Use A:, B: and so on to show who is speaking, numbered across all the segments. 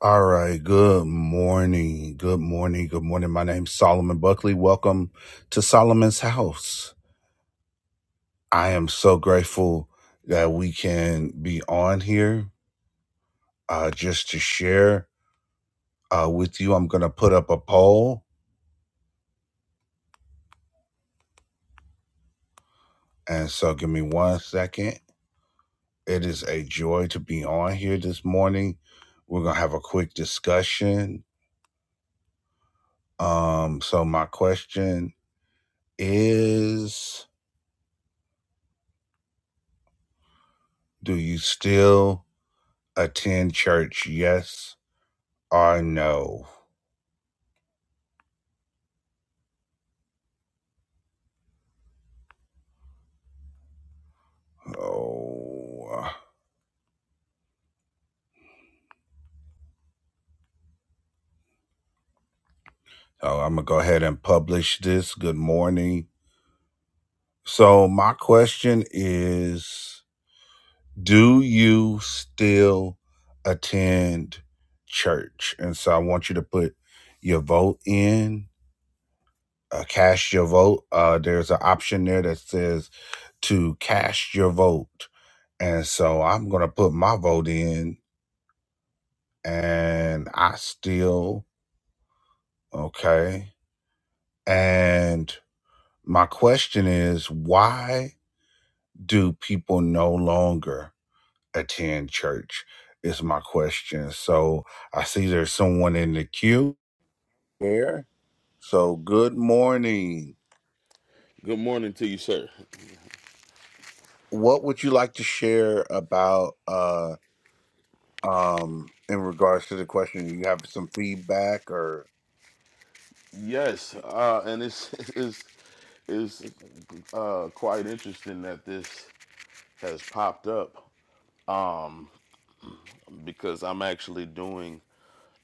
A: All right. Good morning. Good morning. Good morning. My name's Solomon Buckley. Welcome to Solomon's House. I am so grateful that we can be on here uh, just to share uh, with you. I'm going to put up a poll. And so give me one second. It is a joy to be on here this morning. We're going to have a quick discussion. Um, so, my question is Do you still Attend church, yes or no? Oh, so I'm going to go ahead and publish this. Good morning. So, my question is Do you still attend church? And so, I want you to put your vote in, uh, cast your vote. Uh, there's an option there that says to cast your vote. And so, I'm going to put my vote in, and I still Okay. And my question is why do people no longer attend church? Is my question. So I see there's someone in the queue here. So good morning.
B: Good morning to you, sir.
A: What would you like to share about uh um in regards to the question? Do you have some feedback or
B: Yes, uh, and it's it's it's uh, quite interesting that this has popped up because I'm actually doing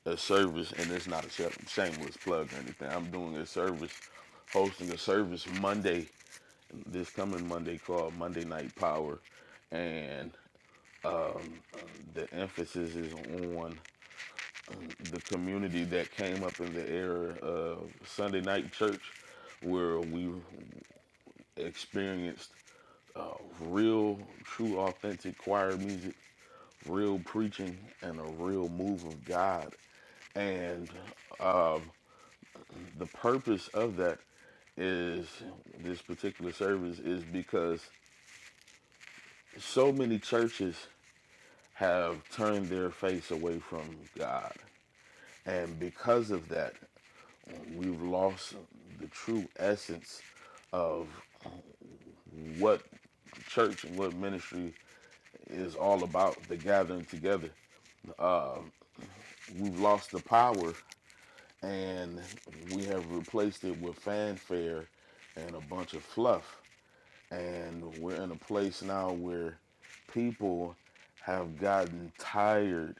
B: a service, and it's not a sh- shameless plug or anything. I'm doing a service, hosting a service Monday, this coming Monday called Monday Night Power, and the emphasis is on the community that came up in the era of Sunday Night Church, where we experienced real, true, authentic choir music, real preaching, and a real move of God. And um, the purpose of that is this particular service is because so many churches have turned their face away from God. And because of that, we've lost the true essence of what church and what ministry is all about the gathering together. We've lost the power and we have replaced it with fanfare and a bunch of fluff. And we're in a place now where people have gotten tired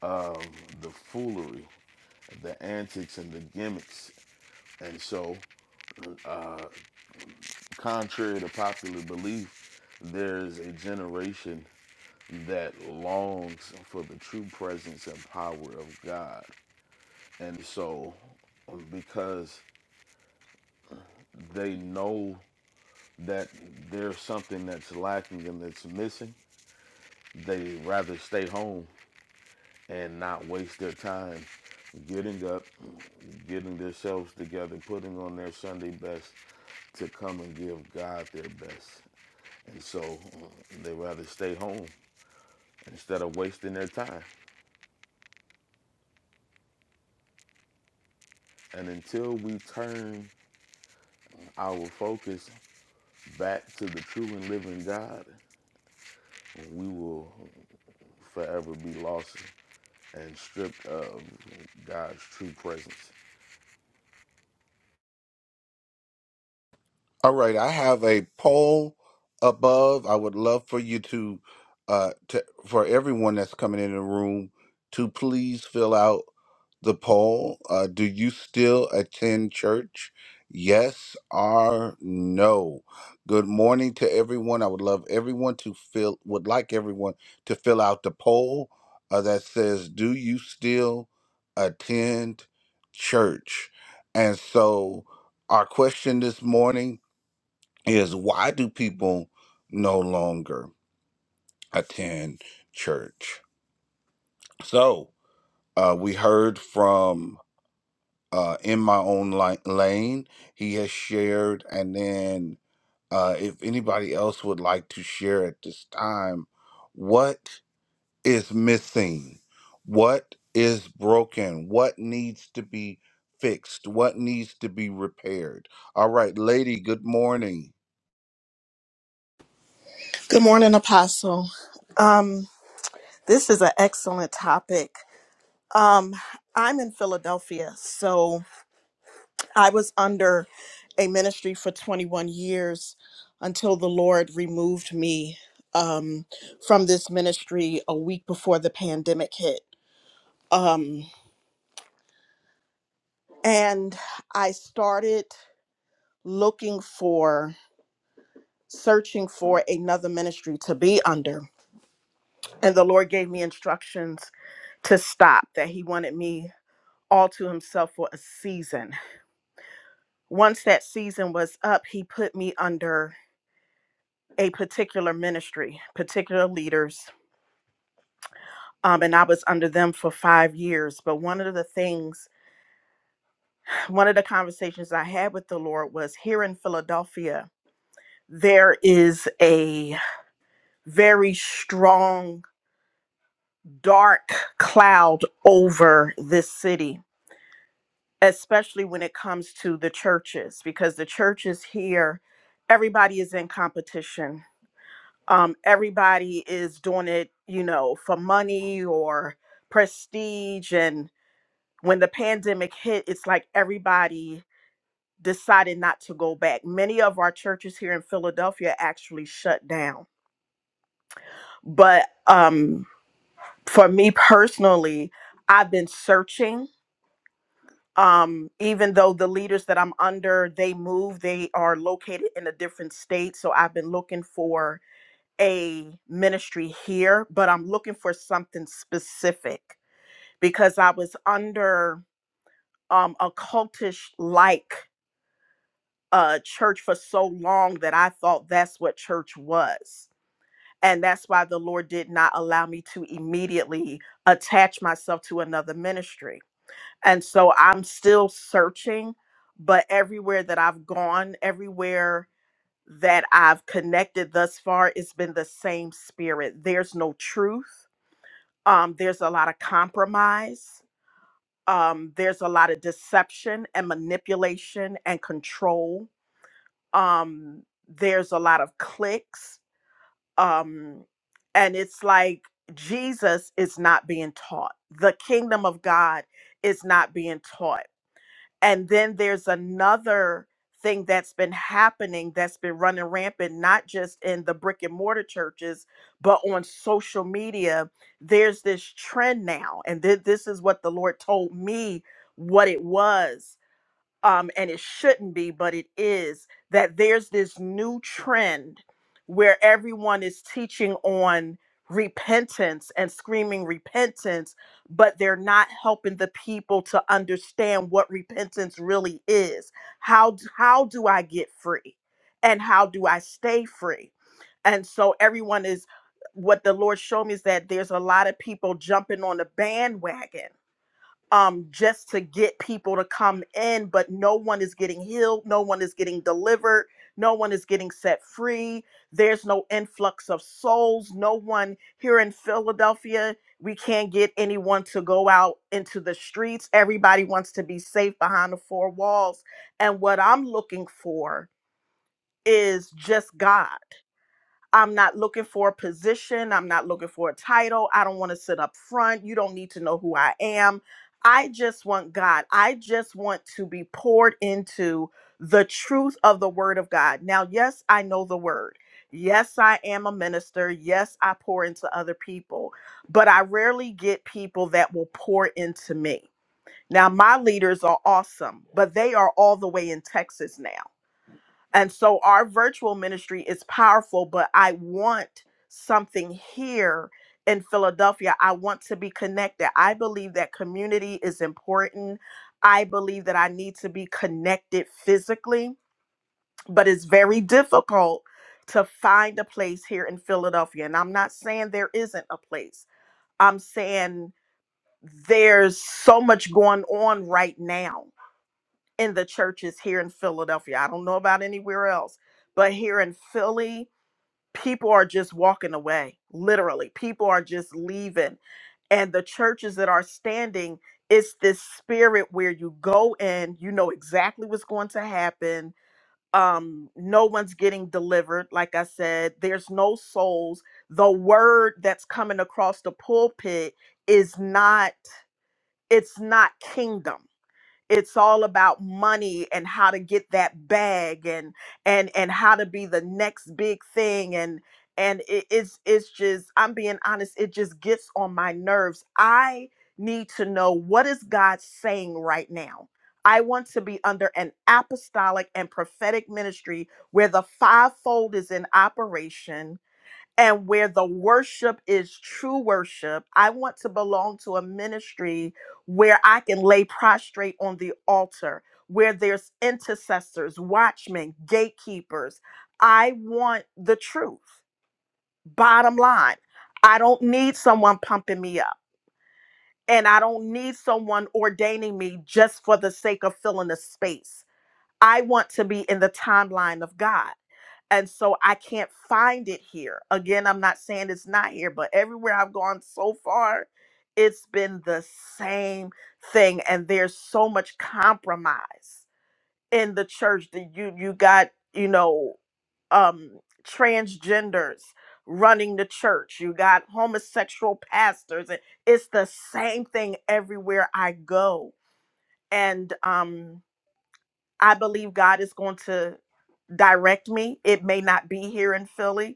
B: of the foolery, the antics, and the gimmicks. And so, contrary to popular belief, there's a generation that longs for the true presence and power of God. And so, because they know that there's something that's lacking and that's missing, they rather stay home and not waste their time getting up, getting themselves together, putting on their Sunday best to come and give God their best. And so mm, they rather stay home instead of wasting their time. And until we turn our focus back to the true and living God, we will forever be lost and stripped of God's true presence.
A: All right, I have a poll above. I would love for you to, uh, to for everyone that's coming in the room to please fill out the poll. Uh, do you still attend church? Yes or no? Good morning to everyone. I would love everyone to fill would like everyone to fill out the poll uh, that says, "Do you still attend church?" And so, our question this morning is why do people no longer attend church? So uh, we heard from uh, in my own li- lane. He has shared, and then uh, if anybody else would like to share at this time, what is missing? What is broken? What needs to be fixed? What needs to be repaired? All right, lady. Good morning,
C: Good morning, Apostle. Um, this is an excellent topic. Um, I'm in Philadelphia, so I was under a ministry for 21 years until the Lord removed me um, from this ministry a week before the pandemic hit. Um, and I started looking for, searching for another ministry to be under. And the Lord gave me instructions to stop, that He wanted me all to himself for a season. Once that season was up, he put me under a particular ministry, particular leaders. Um, and I was under them for five years. But one of the things, one of the conversations I had with the Lord was here in Philadelphia, there is a very strong, dark cloud over this city, especially when it comes to the churches, because the churches here, everybody is in competition um, everybody is doing it, you know, for money or prestige. And when the pandemic hit, it's like everybody decided not to go back. Many of our churches here in Philadelphia actually shut down. But um, for me personally, I've been searching. Um, even though the leaders that I'm under, they move, they are located in a different state. So I've been looking for a ministry here, but I'm looking for something specific because I was under um, a cultish like uh, church for so long that I thought that's what church was. And that's why the Lord did not allow me to immediately attach myself to another ministry. And so I'm still searching, but everywhere that I've gone, everywhere that I've connected thus far, it's been the same spirit. There's no truth um, there's a lot of compromise um, there's a lot of deception and manipulation and control um, there's a lot of clicks um, and it's like jesus is not being taught the kingdom of god is not being taught and then there's another thing that's been happening that's been running rampant, not just in the brick and mortar churches, but on social media. There's this trend now. And th- this is what the Lord told me what it was um, and it shouldn't be, but it is, that there's this new trend where everyone is teaching on repentance and screaming repentance, but they're not helping the people to understand what repentance really is. How, how do I get free? And how do I stay free? And so everyone is, what the Lord showed me is that there's a lot of people jumping on the bandwagon um just to get people to come in but no one is getting healed no one is getting delivered no one is getting set free there's no influx of souls no one here in philadelphia we can't get anyone to go out into the streets everybody wants to be safe behind the four walls and what i'm looking for is just god I'm not looking for a position. I'm not looking for a title. I don't want to sit up front. You don't need to know who I am. I just want God. I just want to be poured into the truth of the word of God. Now, yes, I know the word. Yes, I am a minister. Yes, I pour into other people, but I rarely get people that will pour into me. Now, my leaders are awesome, but they are all the way in Texas now. And so our virtual ministry is powerful, but I want something here in Philadelphia. I want to be connected. I believe that community is important. I believe that I need to be connected physically, but it's very difficult to find a place here in Philadelphia. And I'm not saying there isn't a place, I'm saying there's so much going on right now in the churches here in Philadelphia. I don't know about anywhere else, but here in Philly, people are just walking away. Literally, people are just leaving. And the churches that are standing, it's this spirit where you go in, you know exactly what's going to happen. Um, no one's getting delivered. Like I said, there's no souls. The word that's coming across the pulpit is not, it's not kingdom it's all about money and how to get that bag and and and how to be the next big thing and and it, it's it's just i'm being honest it just gets on my nerves i need to know what is god saying right now i want to be under an apostolic and prophetic ministry where the fivefold is in operation and where the worship is true worship. I want to belong to a ministry where I can lay prostrate on the altar, where there's intercessors, watchmen, gatekeepers. I want the truth. Bottom line, I don't need someone pumping me up, and I don't need someone ordaining me just for the sake of filling a space. I want to be in the timeline of God and so I can't find it here. Again, I'm not saying it's not here, but everywhere I've gone so far, it's been the same thing. And there's so much compromise in the church that you you got, you know, um transgenders running the church. You got homosexual pastors, and it's the same thing everywhere I go. And um I believe God is going to direct me. It may not be here in Philly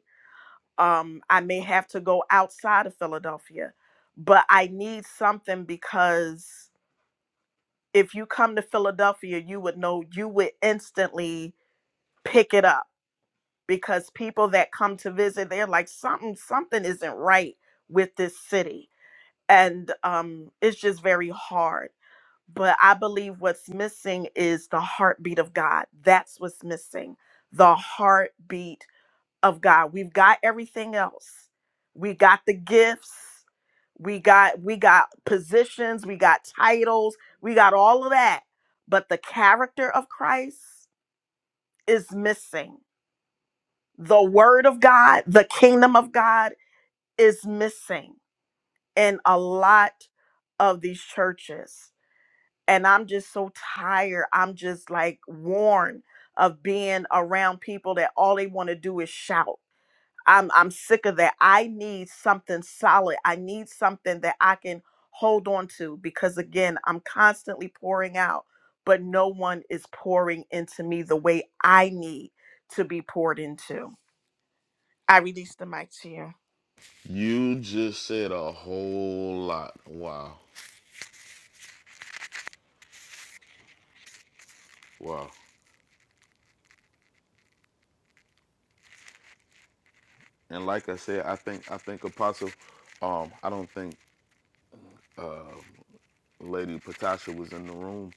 C: um i may have to go outside of philadelphia but i need something because if you come to philadelphia you would know you would instantly pick it up because people that come to visit they're like something something isn't right with this city and um it's just very hard but i believe what's missing is the heartbeat of god that's what's missing the heartbeat of God. We've got everything else. We got the gifts. We got we got positions, we got titles, we got all of that. But the character of Christ is missing. The word of God, the kingdom of God is missing in a lot of these churches. And I'm just so tired. I'm just like worn of being around people that all they want to do is shout I'm I'm sick of that. I need something solid. I need something that I can hold on to because again, I'm constantly pouring out, but no one is pouring into me the way I need to be poured into. I release the mic to you.
B: You just said a whole lot. Wow. Wow. And like I said, I think I think Apostle um I don't think uh Lady Patasha was in the room,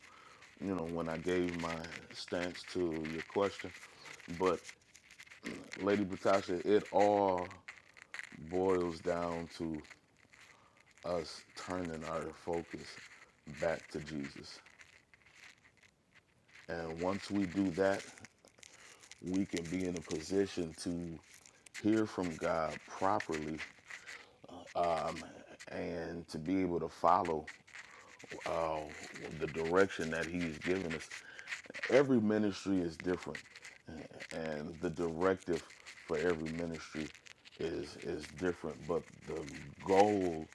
B: you know, when I gave my stance to your question. But Lady Patasha, it all boils down to us turning our focus back to Jesus. And once we do that, we can be in a position to hear from God properly um, and to be able to follow uh, the direction that he's given us. Every ministry is different, and the directive for every ministry is is different, but the goal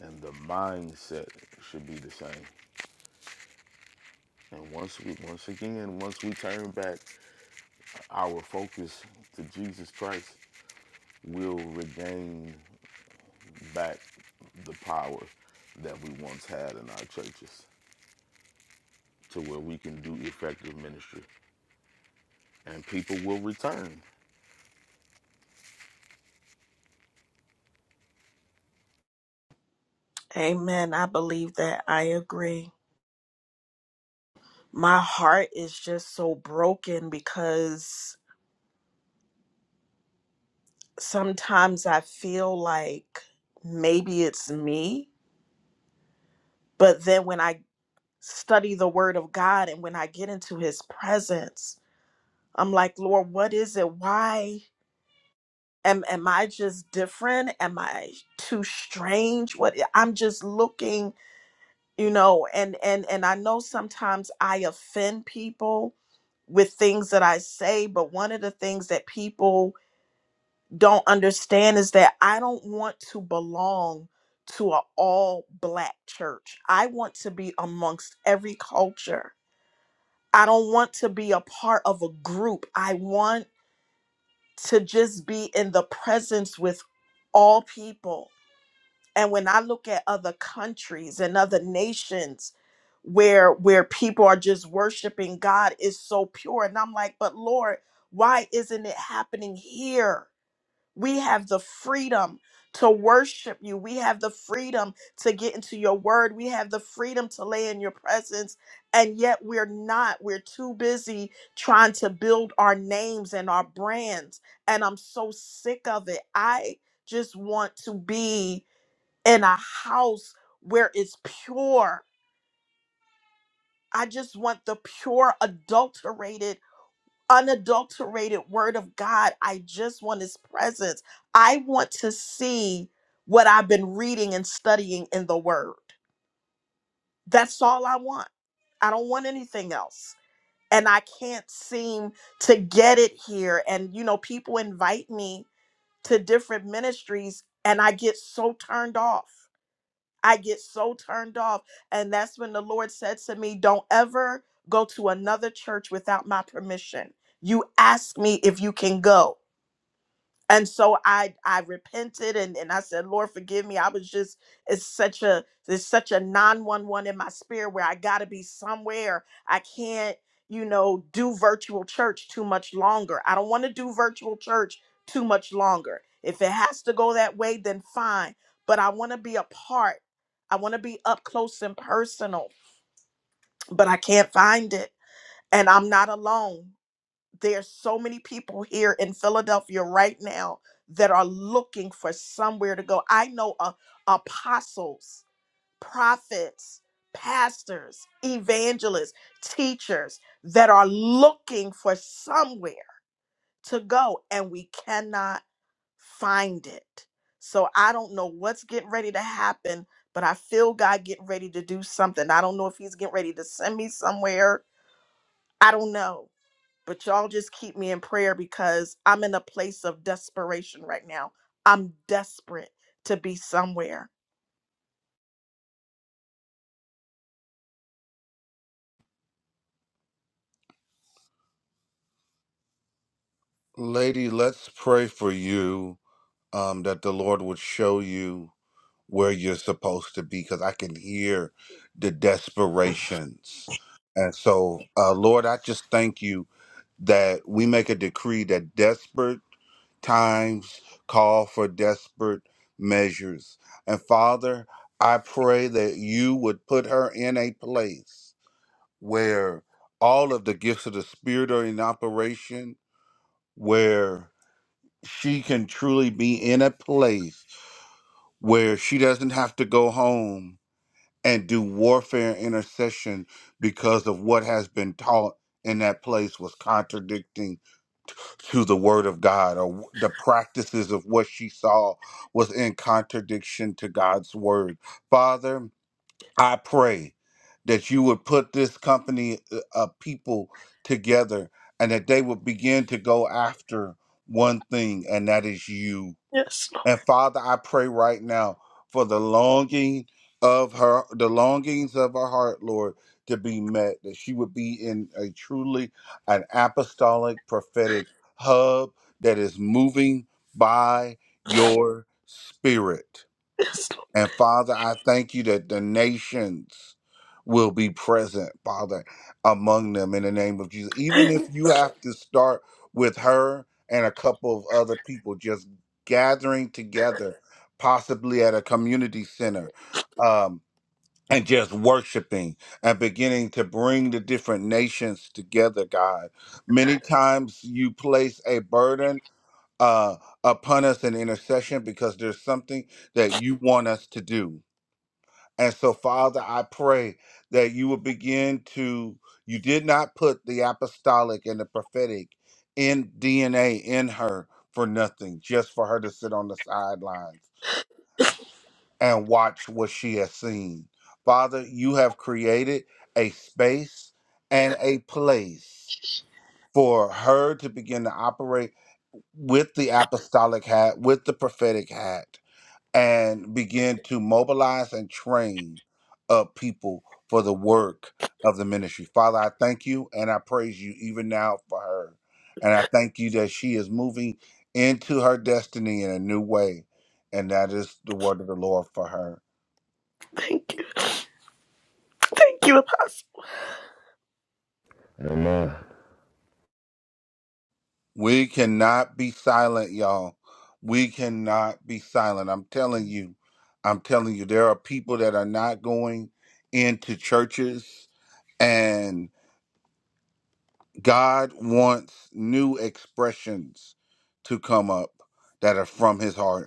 B: and the mindset should be the same. And once we once again, once we turn back our focus to Jesus Christ, we'll regain back the power that we once had in our churches. to where we can do effective ministry and people will return.
C: Amen. I believe that. I agree. My heart is just so broken because sometimes I feel like maybe it's me, but then when I study the word of God and when I get into his presence, I'm like, Lord, what is it? Why am am I just different? Am I too strange? What I'm just looking, you know, and and and I know sometimes I offend people with things that I say, but one of the things that people don't understand is that I don't want to belong to an all black church. I want to be amongst every culture. I don't want to be a part of a group. I want to just be in the presence with all people. And when I look at other countries and other nations where where people are just worshiping God is so pure and I'm like, "But Lord, why isn't it happening here?" We have the freedom to worship you. We have the freedom to get into your word. We have the freedom to lay in your presence. And yet we're not. We're too busy trying to build our names and our brands. And I'm so sick of it. I just want to be in a house where it's pure. I just want the pure, adulterated unadulterated word of God. I just want his presence. I want to see what I've been reading and studying in the word. That's all I want. I don't want anything else. And I can't seem to get it here. And, you know, people invite me to different ministries and I get so turned off. I get so turned off. And that's when the Lord said to me, Don't ever go to another church without my permission. You ask me if you can go. and so i i repented and and i said lord forgive me i was just it's such a there's such a 911 in my spirit where i gotta be somewhere i can't you know do virtual church too much longer i don't want to do virtual church too much longer if it has to go that way then fine but i want to be a part i want to be up close and personal but i can't find it and i'm not alone there's so many people here in Philadelphia right now that are looking for somewhere to go. I know uh, apostles, prophets, pastors, evangelists, teachers that are looking for somewhere to go and we cannot find it. So I don't know what's getting ready to happen, but I feel God getting ready to do something. I don't know if he's getting ready to send me somewhere. I don't know but y'all just keep me in prayer because I'm in a place of desperation right now. I'm desperate to be somewhere.
A: lady. Let's pray for you um, that the Lord would show you where you're supposed to be because I can hear the desperations. And so, uh, Lord, I just thank you that we make a decree that desperate times call for desperate measures. And Father, I pray that you would put her in a place where all of the gifts of the Spirit are in operation, where she can truly be in a place where she doesn't have to go home and do warfare and intercession because of what has been taught in that place was contradicting to the word of God or w- the practices of what she saw was in contradiction to God's word. Father, I pray that you would put this company uh, of people together and that they would begin to go after one thing and that is you
C: Yes, Lord.
A: and Father, I pray right now for the longing of her, the longings of her heart, Lord, to be met, that she would be in a truly an apostolic prophetic hub that is moving by your spirit.
C: Yes, Lord.
A: And Father, I thank you that the nations will be present, Father, among them in the name of Jesus. Even if you have to start with her and a couple of other people just gathering together, possibly at a community center, um, and just worshiping and beginning to bring the different nations together, God. Many times you place a burden uh, upon us in intercession because there's something that you want us to do and so, Father, I pray that you will begin to, you did not put the apostolic and the prophetic in DNA in her for nothing, just for her to sit on the sidelines and watch what she has seen. Father, you have created a space and a place for her to begin to operate with the apostolic hat, with the prophetic hat and begin to mobilize and train up people for the work of the ministry. Father, I thank you and I praise you even now for her. And I thank you that she is moving into her destiny in a new way. And that is the word of the Lord for her.
C: Thank you. Thank you.
B: Amen.
A: We cannot be silent, y'all. We cannot be silent. I'm telling you, I'm telling you, there are people that are not going into churches and. God wants new expressions to come up that are from his heart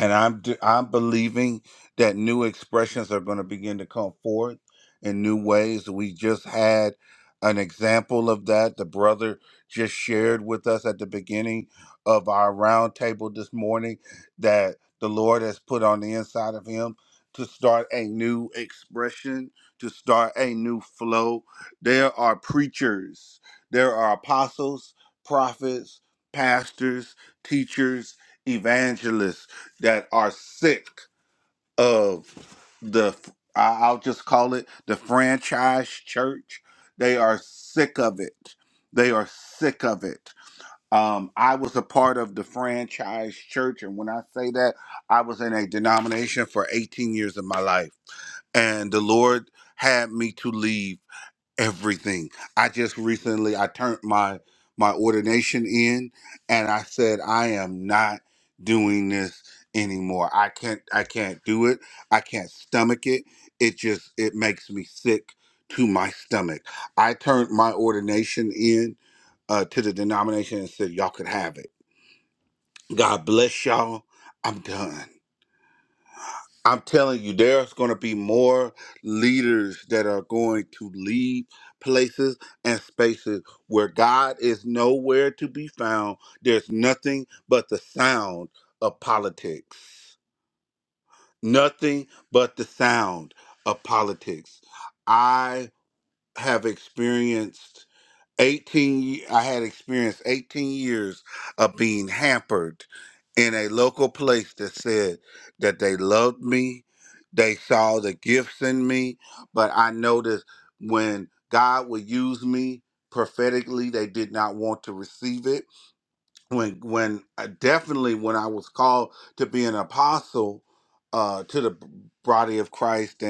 A: and I'm d- I'm believing that new expressions are going to begin to come forth in new ways. We just had an example of that. The brother just shared with us at the beginning of our roundtable this morning that the Lord has put on the inside of him to start a new expression, to start a new flow. There are preachers, there are apostles, prophets, pastors, teachers, evangelists that are sick of the I- I'll just call it the franchise church. They are sick of it. They are sick of it. Um, I was a part of the franchise church, and when I say that, I was in a denomination for 18 years of my life, and the Lord had me to leave everything. I just recently I turned my my ordination in and I said I am not doing this anymore. I can't I can't do it. I can't stomach it. It just it makes me sick to my stomach. I turned my ordination in uh, to the denomination and said y'all could have it. God bless y'all. I'm done. I'm telling you, there's going to be more leaders that are going to leave places and spaces where God is nowhere to be found. There's nothing but the sound of politics. Nothing but the sound of politics. I have experienced 18 ye- i had experienced 18 years of being hampered in a local place that said that they loved me they saw the gifts in me but i noticed when god would use me prophetically they did not want to receive it when when uh, definitely when i was called to be an apostle uh to the b- body of christ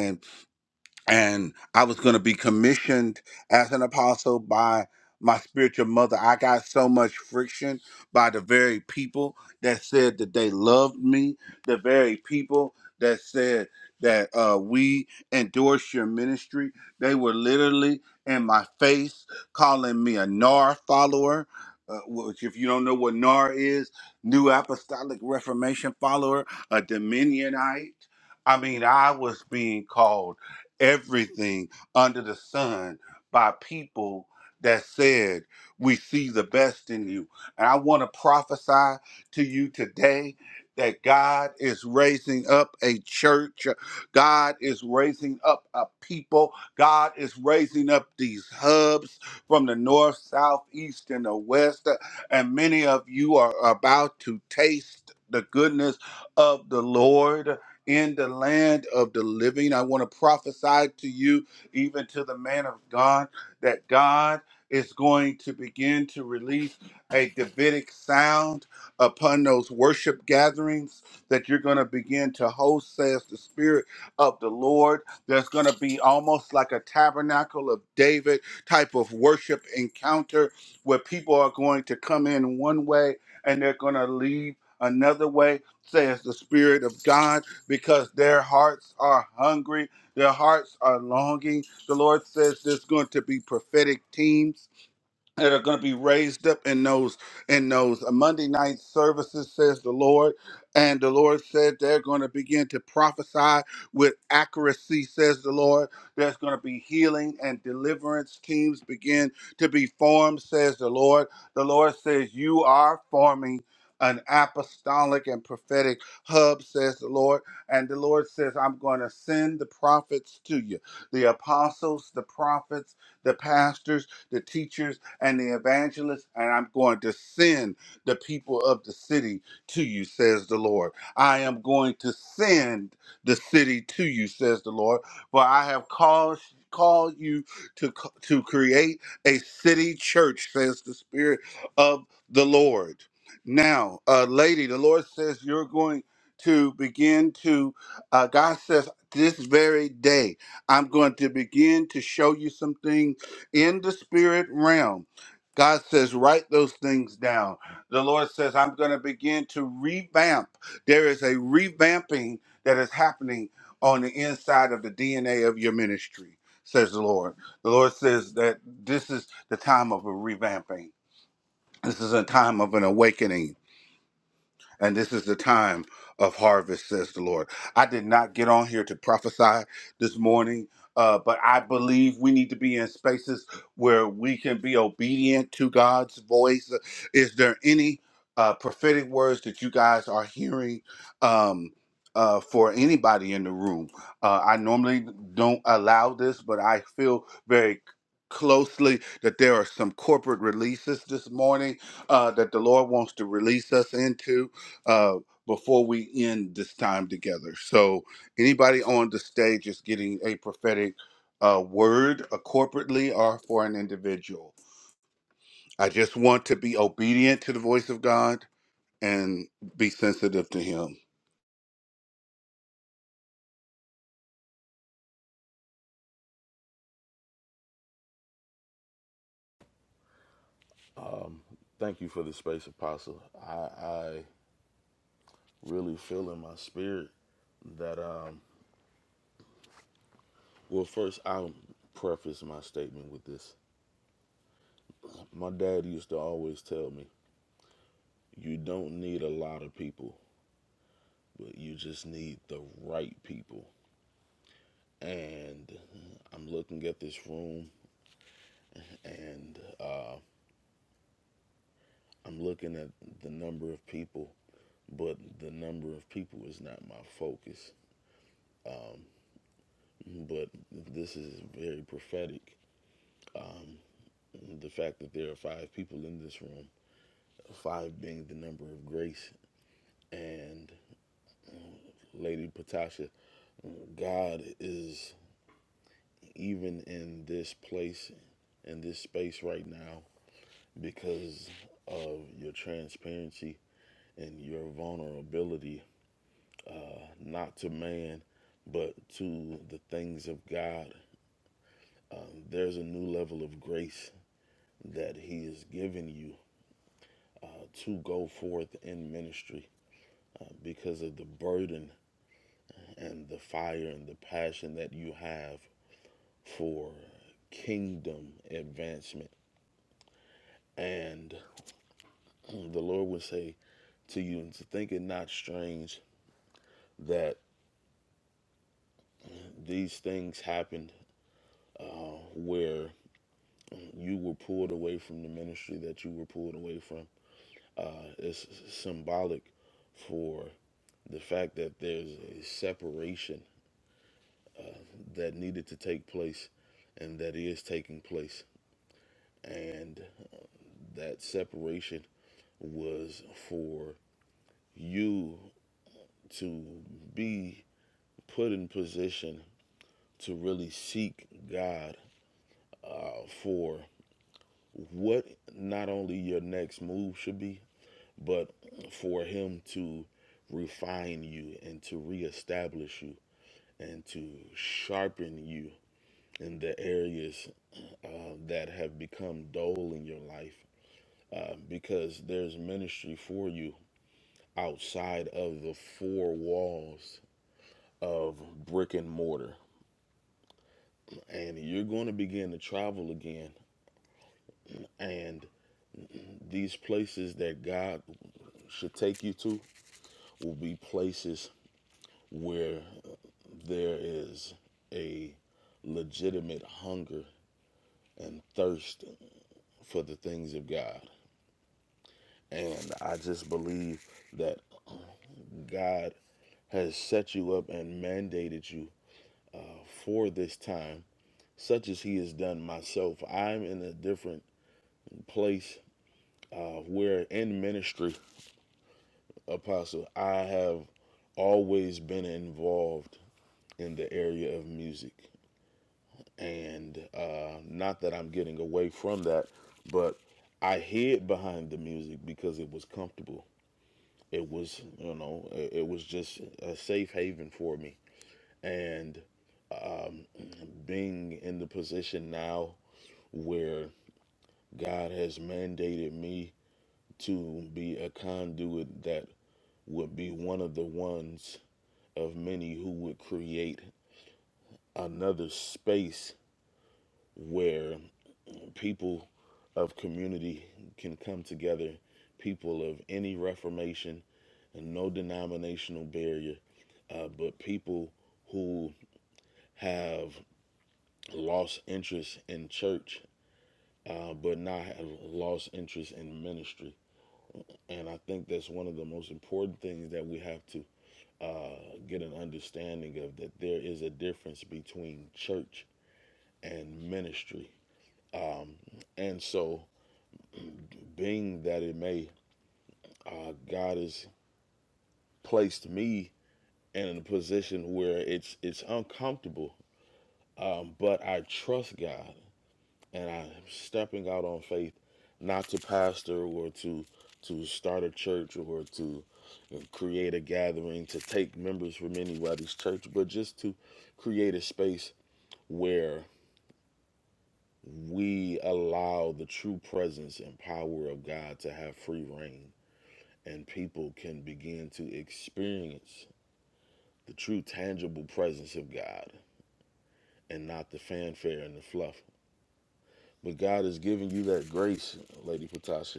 A: and I was going to be commissioned as an apostle by my spiritual mother. I got so much friction by the very people that said that they loved me, the very people that said that uh, we endorse your ministry. They were literally in my face calling me a NAR follower. Uh, which, if you don't know what NAR is, New Apostolic Reformation follower, a Dominionite. I mean, I was being called everything under the sun by people that said, We see the best in you. And I want to prophesy to you today that God is raising up a church, God is raising up a people, God is raising up these hubs from the north, south, east, and the west. And many of you are about to taste the goodness of the Lord in the land of the living. I want to prophesy to you, even to the man of God, that God is going to begin to release a Davidic sound upon those worship gatherings that you're going to begin to host, says the Spirit of the Lord. There's going to be almost like a tabernacle of David type of worship encounter where people are going to come in one way and they're going to leave another way, says the Spirit of God because their hearts are hungry, their hearts are longing. The Lord says there's going to be prophetic teams that are going to be raised up in those in those uh, Monday night services, says the Lord. And the Lord said they're going to begin to prophesy with accuracy, says the Lord. There's going to be healing and deliverance teams begin to be formed, says the Lord. The Lord says you are forming an apostolic and prophetic hub, says the Lord. And the Lord says, I'm going to send the prophets to you, the apostles, the prophets, the pastors, the teachers and the evangelist, and I'm going to send the people of the city to you, says the Lord. I am going to send the city to you, says the Lord, for I have called called you to c- to create a city church, says the Spirit of the Lord. Now, uh, lady, the Lord says you're going to begin to. Uh, God says this very day, I'm going to begin to show you some things in the spirit realm. God says, write those things down. The Lord says, I'm going to begin to revamp. There is a revamping that is happening on the inside of the DNA of your ministry, says the Lord. The Lord says that this is the time of a revamping. This is a time of an awakening and this is the time of harvest, says the Lord. I did not get on here to prophesy this morning, uh, but I believe we need to be in spaces where we can be obedient to God's voice. Is there any uh, prophetic words that you guys are hearing? Um, uh, for anybody in the room, uh, I normally don't allow this, but I feel very closely that there are some corporate releases this morning uh, that the Lord wants to release us into uh, before we end this time together. So, anybody on the stage is getting a prophetic uh, word, uh, corporately or for an individual. I just want to be obedient to the voice of God and be sensitive to Him.
B: Thank you for the space, Apostle. I, I really feel in my spirit that, um, well, first, I'll preface my statement with this. My dad used to always tell me, you don't need a lot of people, but you just need the right people. And I'm looking at this room and uh, I'm looking at the number of people but the number of people is not my focus. But this is very prophetic. Um, the fact that there are five people in this room, five being the number of grace, and Lady Patasha, God is even in this place, in this space right now, because of your transparency and your vulnerability, not to man, but to the things of God. Um, there's a new level of grace that He has given you uh, to go forth in ministry uh, because of the burden and the fire and the passion that you have for kingdom advancement. And the Lord would say to you, and to think it not strange that these things happened uh, where you were pulled away from the ministry that you were pulled away from. Uh, it's symbolic for the fact that there's a separation that needed to take place and that is taking place. And that separation was for you to be put in position to really seek God uh, for what not only your next move should be, but for Him to refine you and to reestablish you and to sharpen you in the areas uh, that have become dull in your life uh, because there's ministry for you outside of the four walls of brick and mortar. And you're going to begin to travel again. And these places that God should take you to will be places where uh, there is a legitimate hunger and thirst for the things of God. And I just believe that God has set you up and mandated you uh, for this time, such as He has done myself. I'm in a different place uh, where in ministry, Apostle, I have always been involved in the area of music. And uh, not that I'm getting away from that, but I hid behind the music because it was comfortable. It was, you know, it was just a safe haven for me. And um, being in the position now where. God has mandated me to be a conduit that would be one of the ones of many who would create another space where people of community can come together, people of any reformation and no denominational barrier, uh, but people who have lost interest in church, uh, but not have lost interest in ministry And I think that's one of the most important things that we have to uh, get an understanding of that there is a difference between church and ministry. And so, being that it may, uh, God has placed me in a position where it's it's uncomfortable, um, but I trust God and I am stepping out on faith, not to pastor or to to start a church or to create a gathering to take members from anybody's church, but just to create a space where we allow the true presence and power of God to have free reign, and people can begin to experience the true tangible presence of God and not the fanfare and the fluff. But God has given you that grace, Lady Patasha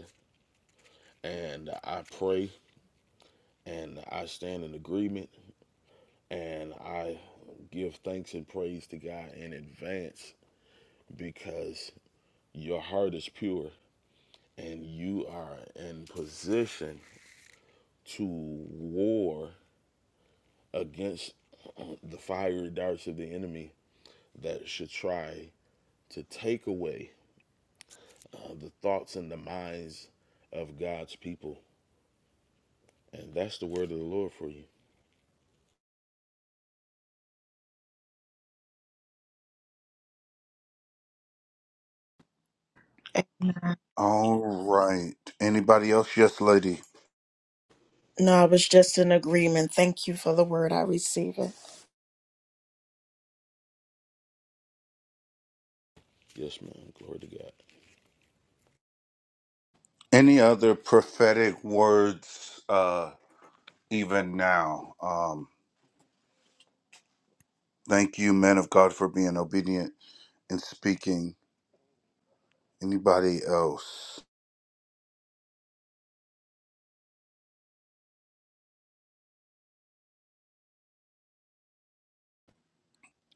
B: and I pray and I stand in agreement and I give thanks and praise to God in advance because your heart is pure and you are in position to war against the fiery darts of the enemy that should try to take away uh, the thoughts and the minds of God's people. And that's the word of the Lord for you.
A: All right. Anybody else? Yes, lady.
C: No, I was just in agreement. Thank you for the word. I receive it.
B: Yes, man. Glory to God.
A: Any other prophetic words, uh, even now? Um, thank you, men of God, for being obedient and speaking. Anybody else?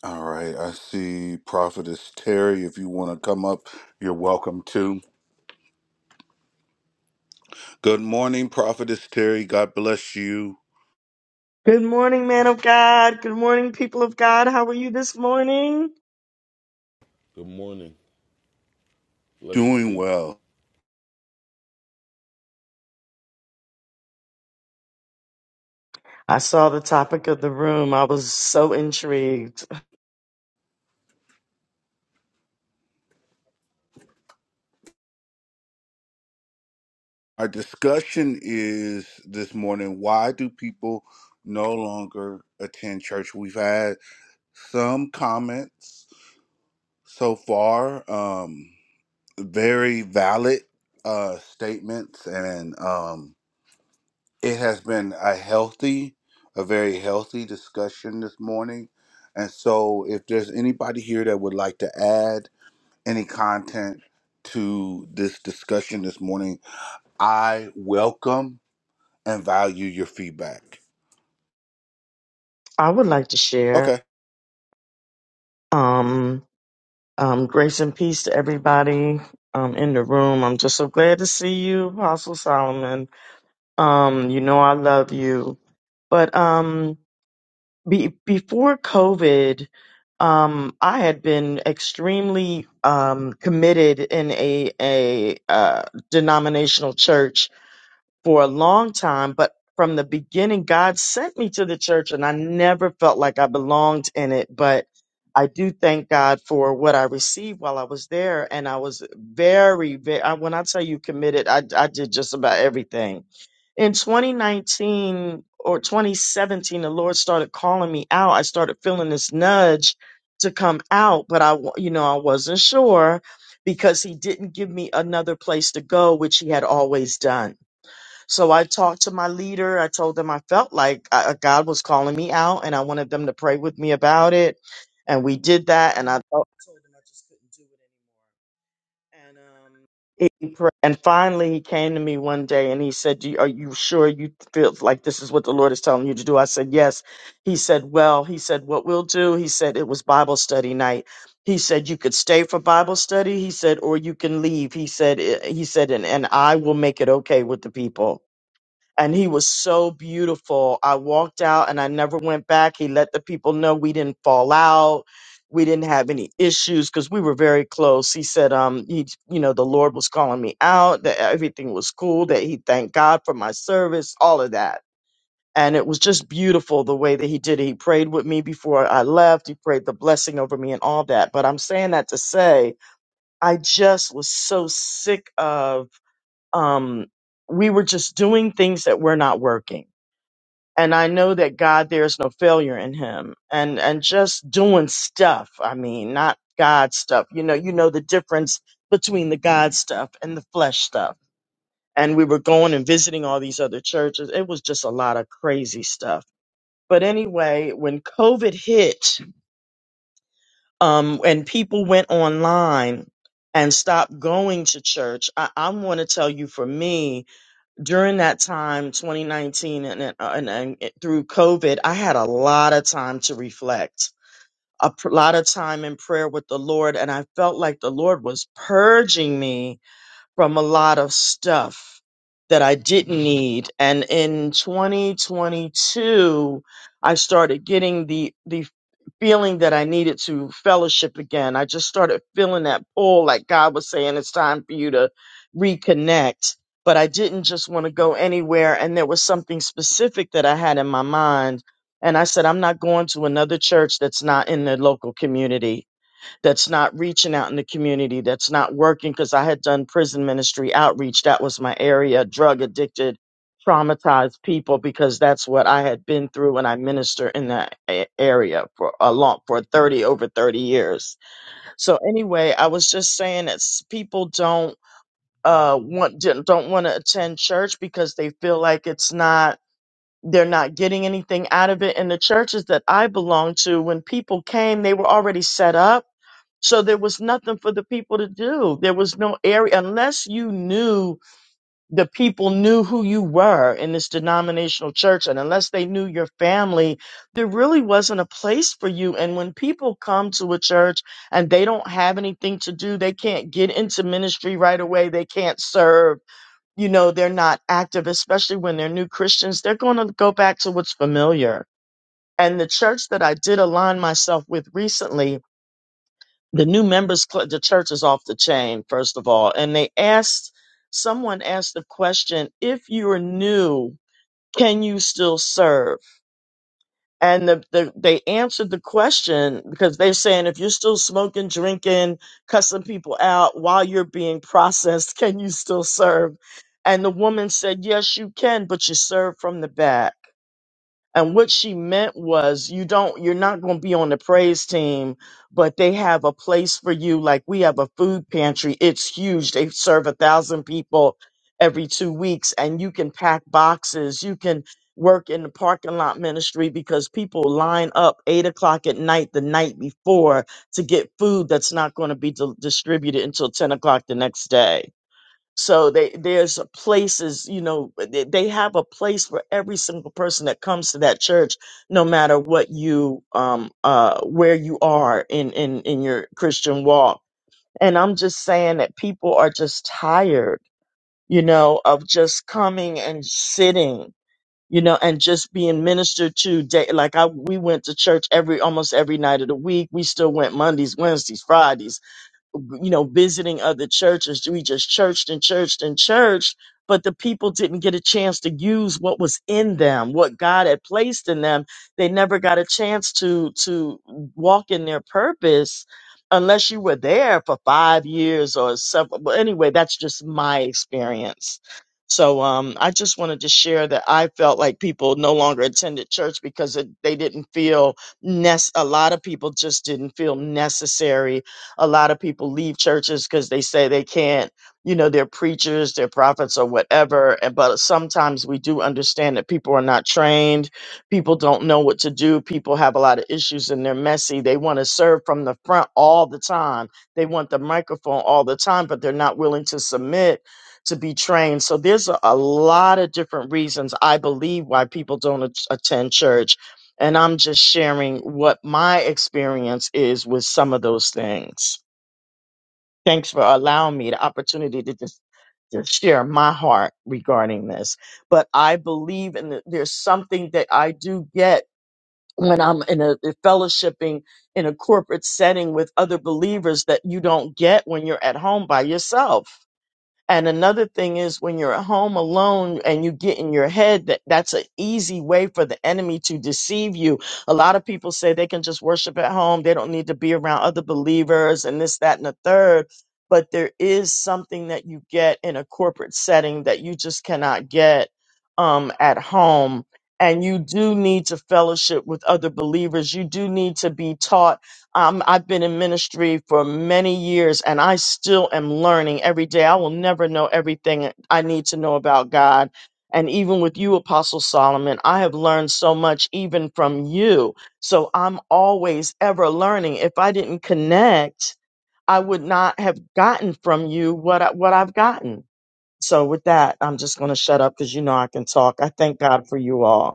A: All right, I see Prophetess Terry. If you want to come up, you're welcome to. Good morning, Prophetess Terry. God bless you.
D: Good morning, man of God. Good morning, people of God. How are you this morning?
B: Good morning. Blessings to
A: Doing
B: you.
A: well.
D: I saw the topic of the room. I was so intrigued.
A: Our discussion is this morning why do people no longer attend church? We've had some comments so far, um, very valid uh, statements and um, It has been a healthy, a very healthy discussion this morning. And so, if there's anybody here that would like to add any content to this discussion this morning, I welcome and value your feedback.
D: I would like to share
A: Okay.
D: um, um, grace and peace to everybody um, in the room. I'm just so glad to see you, Apostle Solomon. Um, you know I love you, but um, be, before COVID, um, I had been extremely um, committed in a a uh, denominational church for a long time, but from the beginning, God sent me to the church and I never felt like I belonged in it. But I do thank God for what I received while I was there. And I was very, very, I, when I tell you committed, I, I did just about everything. In 2019 or 2017, the Lord started calling me out. I started feeling this nudge to come out, but I, wa- you know, I wasn't sure because he didn't give me another place to go, which he had always done. So I talked to my leader. I told them I felt like uh, uh, God was calling me out and I wanted them to pray with me about it. And we did that. And I told I told him I just couldn't do it anymore. And, um, he he prayed. and finally, he came to me one day and he said, "Do you- Are you sure you feel like this is what the Lord is telling you to do? I said, Yes. He said, Well, he said, What we'll do, he said, It was Bible study night. He said, You could stay for Bible study. He said, Or you can leave. He said, "I- He said, And, and I will make it okay with the people and he was so beautiful. I walked out and I never went back. He let the people know we didn't fall out. We didn't have any issues because we were very close. He said, um, he, you know, the Lord was calling me out, that everything was cool, that he thanked God for my service, all of that. And it was just beautiful the way that he did it. He prayed with me before I left. He prayed the blessing over me and all that. But I'm saying that to say, I just was so sick of, um, we were just doing things that were not working and I know that God, there's no failure in Him, and and just doing stuff. I mean, not God stuff. You know, you know the difference between the God stuff and the flesh stuff. And we were going and visiting all these other churches. It was just a lot of crazy stuff. But anyway, when COVID hit, um, and people went online and stopped going to church, I, I want to tell you for me, during that time, 2019, and, and, uh, and, and through COVID, I had a lot of time to reflect, a pr- lot of time in prayer with the Lord. And I felt like the Lord was purging me from a lot of stuff that I didn't need. And in 2022, I started getting the, the feeling that I needed to fellowship again. I just started feeling that pull, like God was saying, it's time for you to reconnect. But I didn't just want to go anywhere. And there was something specific that I had in my mind. And I said, I'm not going to another church that's not in the local community that's not reaching out in the community, that's not working. Because I had done prison ministry outreach, that was my area, drug addicted, traumatized people, because that's what I had been through when I minister in that a- area for a long, for 30, over 30 years. So anyway, I was just saying that s- people don't uh want don't don't want to attend church because they feel like it's not they're not getting anything out of it and the churches that i belong to when people came they were already set up so there was nothing for the people to do. There was no area unless you knew the people knew who you were in this denominational church and unless they knew your family, there really wasn't a place for you. And when people come to a church and they don't have anything to do, they can't get into ministry right away. They can't serve. You know, they're not active, especially when they're new Christians. They're going to go back to what's familiar. And the church that I did align myself with recently the new members cl- the church is off the chain first of all and they asked someone asked the question if you're new can you still serve and the, the, they answered the question because they're saying if you're still smoking drinking cussing people out while you're being processed can you still serve and the woman said yes you can but you serve from the back and what she meant was you don't you're not going to be on the praise team, but they have a place for you. Like we have a food pantry. It's huge. They serve a thousand people every two weeks and you can pack boxes. You can work in the parking lot ministry because people line up eight o'clock at night the night before to get food that's not going to be di- distributed until 10 o'clock the next day so they, there's a places, you know, they they have a place for every single person that comes to that church, no matter what you, um, uh, where you are in, in, in your Christian walk. And I'm just saying that people are just tired, you know, of just coming and sitting, you know, and just being ministered to day. Like I, we went to church every, almost every night of the week. We still went Mondays, Wednesdays, Fridays you know, visiting other churches. We just churched and churched and churched, but the people didn't get a chance to use what was in them, what God had placed in them. They never got a chance to to walk in their purpose unless you were there for five years or several. But anyway, that's just my experience. So um, I just wanted to share that I felt like people no longer attended church because it, they didn't feel nece- a lot of people just didn't feel necessary a lot of people leave churches because they say they can't you know they're preachers they're prophets or whatever and but sometimes we do understand that people are not trained people don't know what to do people have a lot of issues and they're messy they want to serve from the front all the time they want the microphone all the time but they're not willing to submit to be trained so there's a, a lot of different reasons i believe why people don't at- attend church and i'm just sharing what my experience is with some of those things Thanks for allowing me the opportunity to just to share my heart regarding this. But I believe in the, there's something that I do get when I'm in a, a fellowshipping in a corporate setting with other believers that you don't get when you're at home by yourself and another thing is when you're at home alone and you get in your head that that's an easy way for the enemy to deceive you. A lot of people say they can just worship at home. They don't need to be around other believers and this, that, and the third. But there is something that you get in a corporate setting that you just cannot get um, at home. And you do need to fellowship with other believers. You do need to be taught um, I've been in ministry for many years and I still am learning every day. I will never know everything I need to know about God. And even with you, Apostle Solomon, I have learned so much even from you. So I'm always ever learning. If I didn't connect, I would not have gotten from you what, I, what I've gotten. So with that, I'm just going to shut up because you know I can talk. I thank God for you all.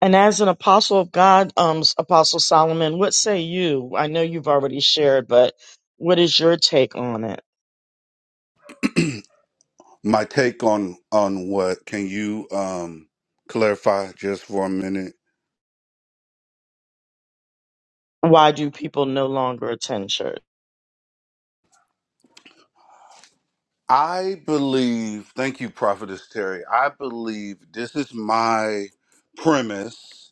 D: And as an apostle of God, um, Apostle Solomon, what say you? I know you've already shared, but what is your take on it?
A: My take on on what can you um clarify just for a minute?
D: Why do people no longer attend church?
A: I believe, thank you, Prophetess Terry. I believe this is my premise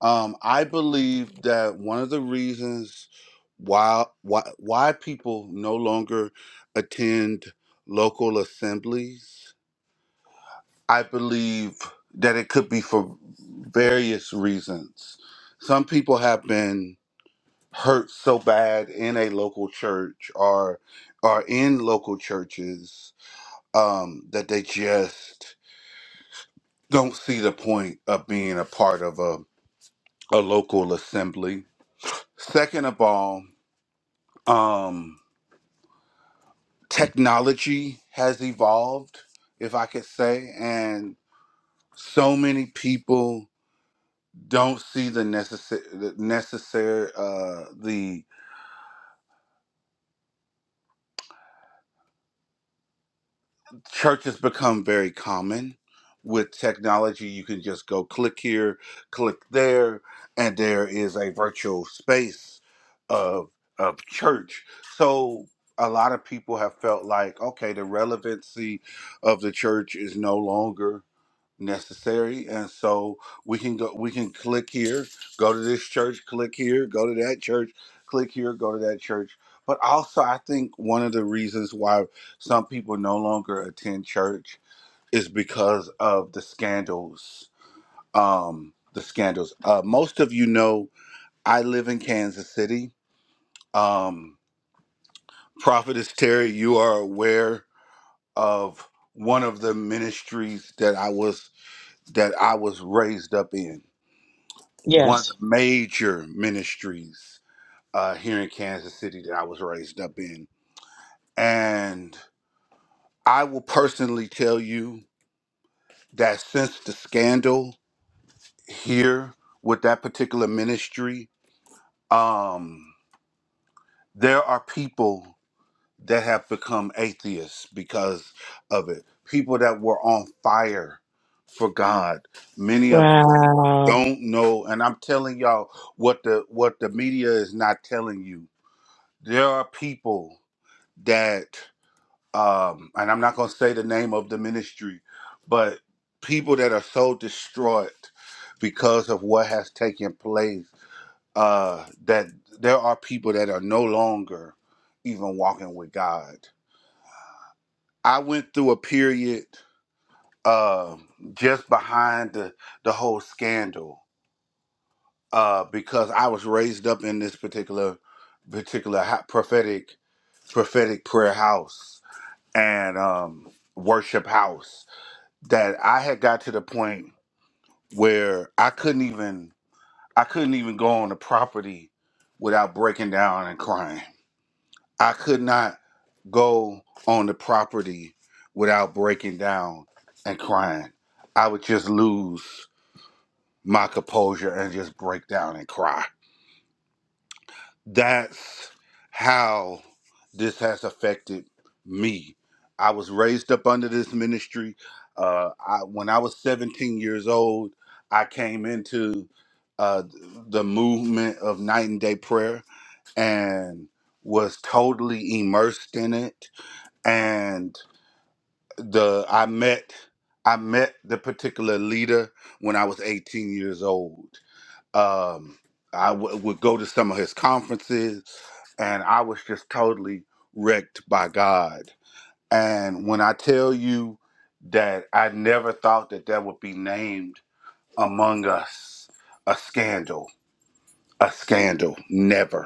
A: Um, I believe that one of the reasons why why why people no longer attend local assemblies, I believe that it could be for various reasons. Some people have been hurt so bad in a local church or or in local churches um, that they just don't see the point of being a part of a, a local assembly. Second of all, um, technology has evolved, if I could say, and so many people don't see the necessary the necessary uh the church has become very common with technology you can just go click here click there and there is a virtual space of of church so a lot of people have felt like okay the relevancy of the church is no longer necessary and so we can go we can click here go to this church click here go to that church click here go to that church but also i think one of the reasons why some people no longer attend church is because of the scandals um the scandals uh most of you know i live in kansas city um prophetess terry you are aware of one of the ministries that i was that i was raised up in one of the
D: Yes.
A: major ministries uh, here in Kansas City that I was raised up in. And I will personally tell you that since the scandal here with that particular ministry, um, there are people that have become atheists because of it. People that were on fire for God. Many of them
D: Wow.
A: don't know, and I'm telling y'all what the what the media is not telling you there are people that um and i'm not going to say the name of the ministry but people that are so distraught because of what has taken place uh that there are people that are no longer even walking with god i went through a period uh just behind the the whole scandal uh because i was raised up in this particular particular ho- prophetic prophetic prayer house and um, worship house that I had got to the point where I couldn't even I couldn't even go on the property without breaking down and crying. I could not go on the property without breaking down and crying. I would just lose my composure and just break down and cry that's how this has affected me. I was raised up under this ministry. Uh, I, when I was 17 years old, I came into uh, the movement of night and day prayer and was totally immersed in it. And the I met I met the particular leader when I was 18 years old um, I w- would go to some of his conferences, and I was just totally wrecked by God. And when I tell you that I never thought that that would be named among us, a scandal, a scandal, never.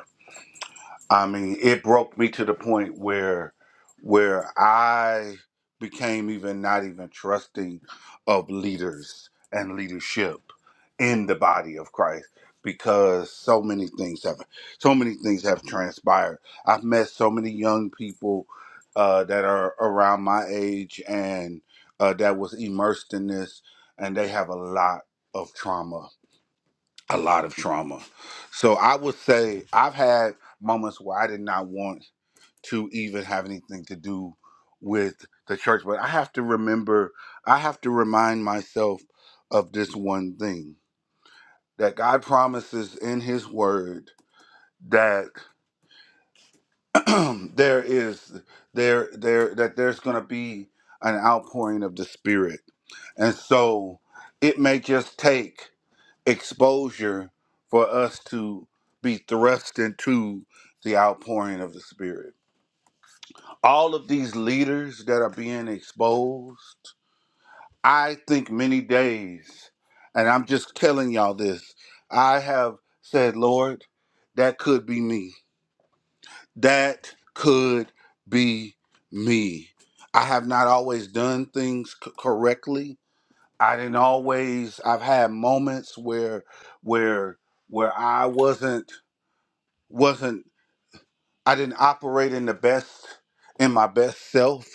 A: I mean, it broke me to the point where where I became even not even trusting of leaders and leadership in the body of Christ because so many things have so many things have transpired. I've met so many young people uh, that are around my age and uh, that was immersed in this, and they have a lot of trauma a lot of trauma. So I would say I've had moments where I did not want to even have anything to do with the church, but I have to remember, I have to remind myself of this one thing that God promises in his word that there is there there that there's going to be an outpouring of the spirit. And so it may just take exposure for us to be thrust into the outpouring of the Spirit. All of these leaders that are being exposed, I think many days, and I'm just telling y'all this, I have said, Lord, that could be me. That could be me. I have not always done things c- correctly. I didn't always. I've had moments where, where, where I wasn't. wasn't I didn't operate in the best in my best self.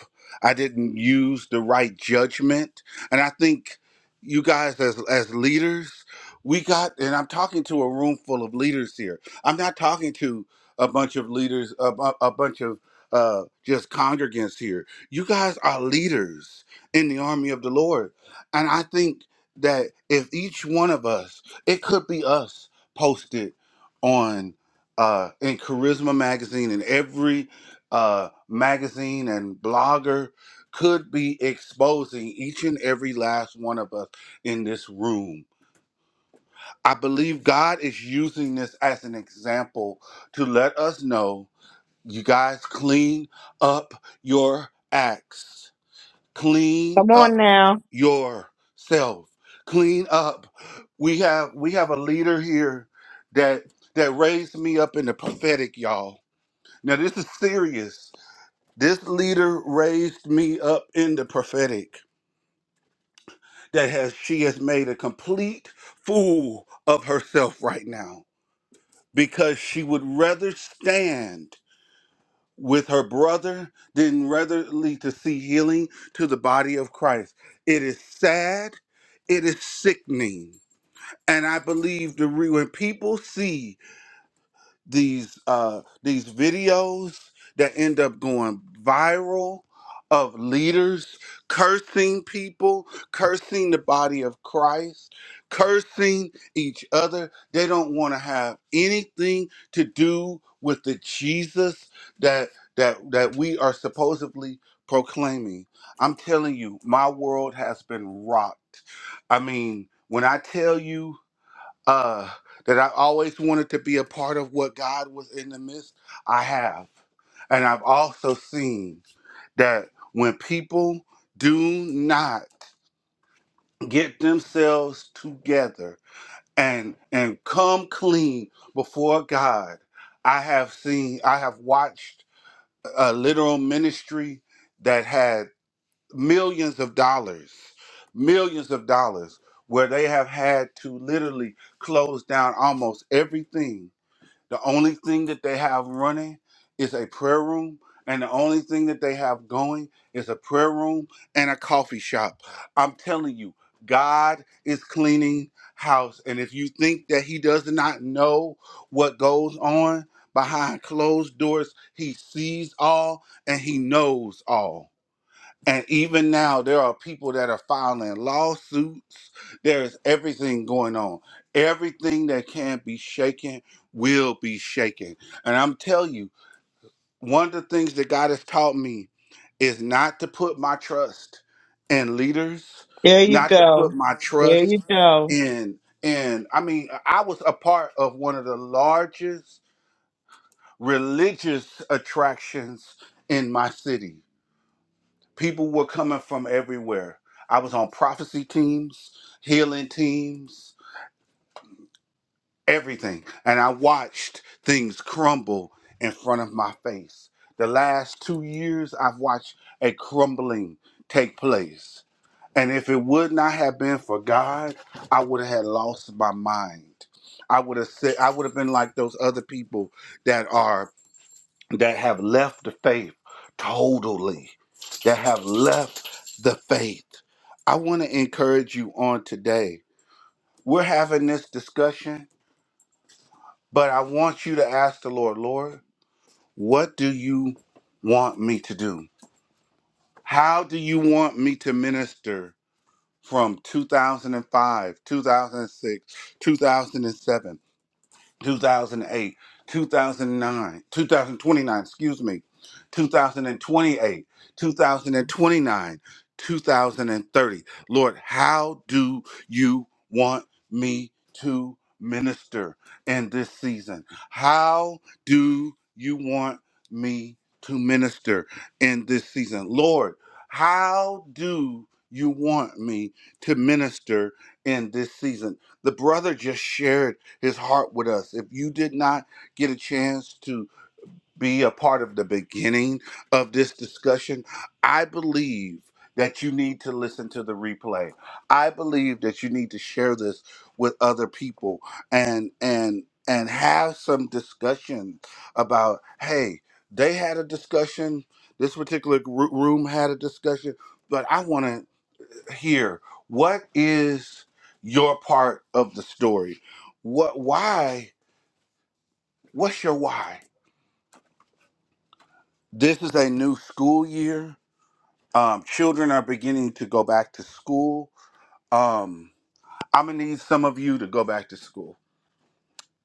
A: I didn't use the right judgment. And I think you guys as as leaders, we got and I'm talking to a room full of leaders here. I'm not talking to a bunch of leaders a, bu- a bunch of uh just congregants here. You guys are leaders in the army of the Lord. And I think that if each one of us, it could be us posted on uh, in Charisma Magazine and every uh, magazine and blogger could be exposing each and every last one of us in this room. I believe God is using this as an example to let us know you guys clean up your acts, clean
D: Come on
A: up
D: now.
A: yourself, clean up. We have we have a leader here that that raised me up in the prophetic, y'all now, this is serious. This leader raised me up in the prophetic that has she has made a complete fool of herself right now because she would rather stand with her brother than ratherly to see healing to the body of Christ. It is sad, it is sickening. And I believe the re- when people see these uh these videos that end up going viral of leaders cursing people, cursing the body of Christ, cursing each other. They don't want to have anything to do with the Jesus that that that we are supposedly proclaiming. I'm telling you, my world has been rocked. I mean, when I tell you uh, that I always wanted to be a part of what God was in the midst. I have. And I've also seen that when people do not get themselves together and and come clean before God, I have seen I have watched a literal ministry that had millions of dollars, millions of dollars, where they have had to literally close down almost everything. The only thing that they have running is a prayer room, and the only thing that they have going is a prayer room and a coffee shop. I'm telling you, God is cleaning house. And if you think that He does not know what goes on behind closed doors, He sees all and He knows all. And even now, there are people that are filing lawsuits. There's everything going on. Everything that can be shaken will be shaken. And I'm telling you, one of the things that God has taught me is not to put my trust in leaders,
D: There you
A: not to
D: go.
A: put my
D: There
A: trust
D: you go.
A: in and I mean, I was a part of one of the largest religious attractions in my city people were coming from everywhere. I was on prophecy teams, healing teams, everything. And I watched things crumble in front of my face. The last two years, I've watched a crumbling take place. And if it would not have been for God, I would have had lost my mind. I would have said I would have been like those other people that are that have left the faith totally, that have left the faith. I want to encourage you on today. We're having this discussion, but I want you to ask the Lord, Lord, what do you want me to do? How do you want me to minister from 2005, 2006, 2007? 2008, 2009, 2029, excuse me, 2028, 2029, 2030. Lord, how do you want me to minister in this season? How do you want me to minister in this season? Lord, how do you want me to minister in this season? The brother just shared his heart with us. If you did not get a chance to be a part of the beginning of this discussion, I believe that you need to listen to the replay. I believe that you need to share this with other people and and and have some discussion about hey, they had a discussion, this particular gr- room had a discussion, but I want to here what is your part of the story what why what's your why this is a new school year um, children are beginning to go back to school um, i'm gonna need some of you to go back to school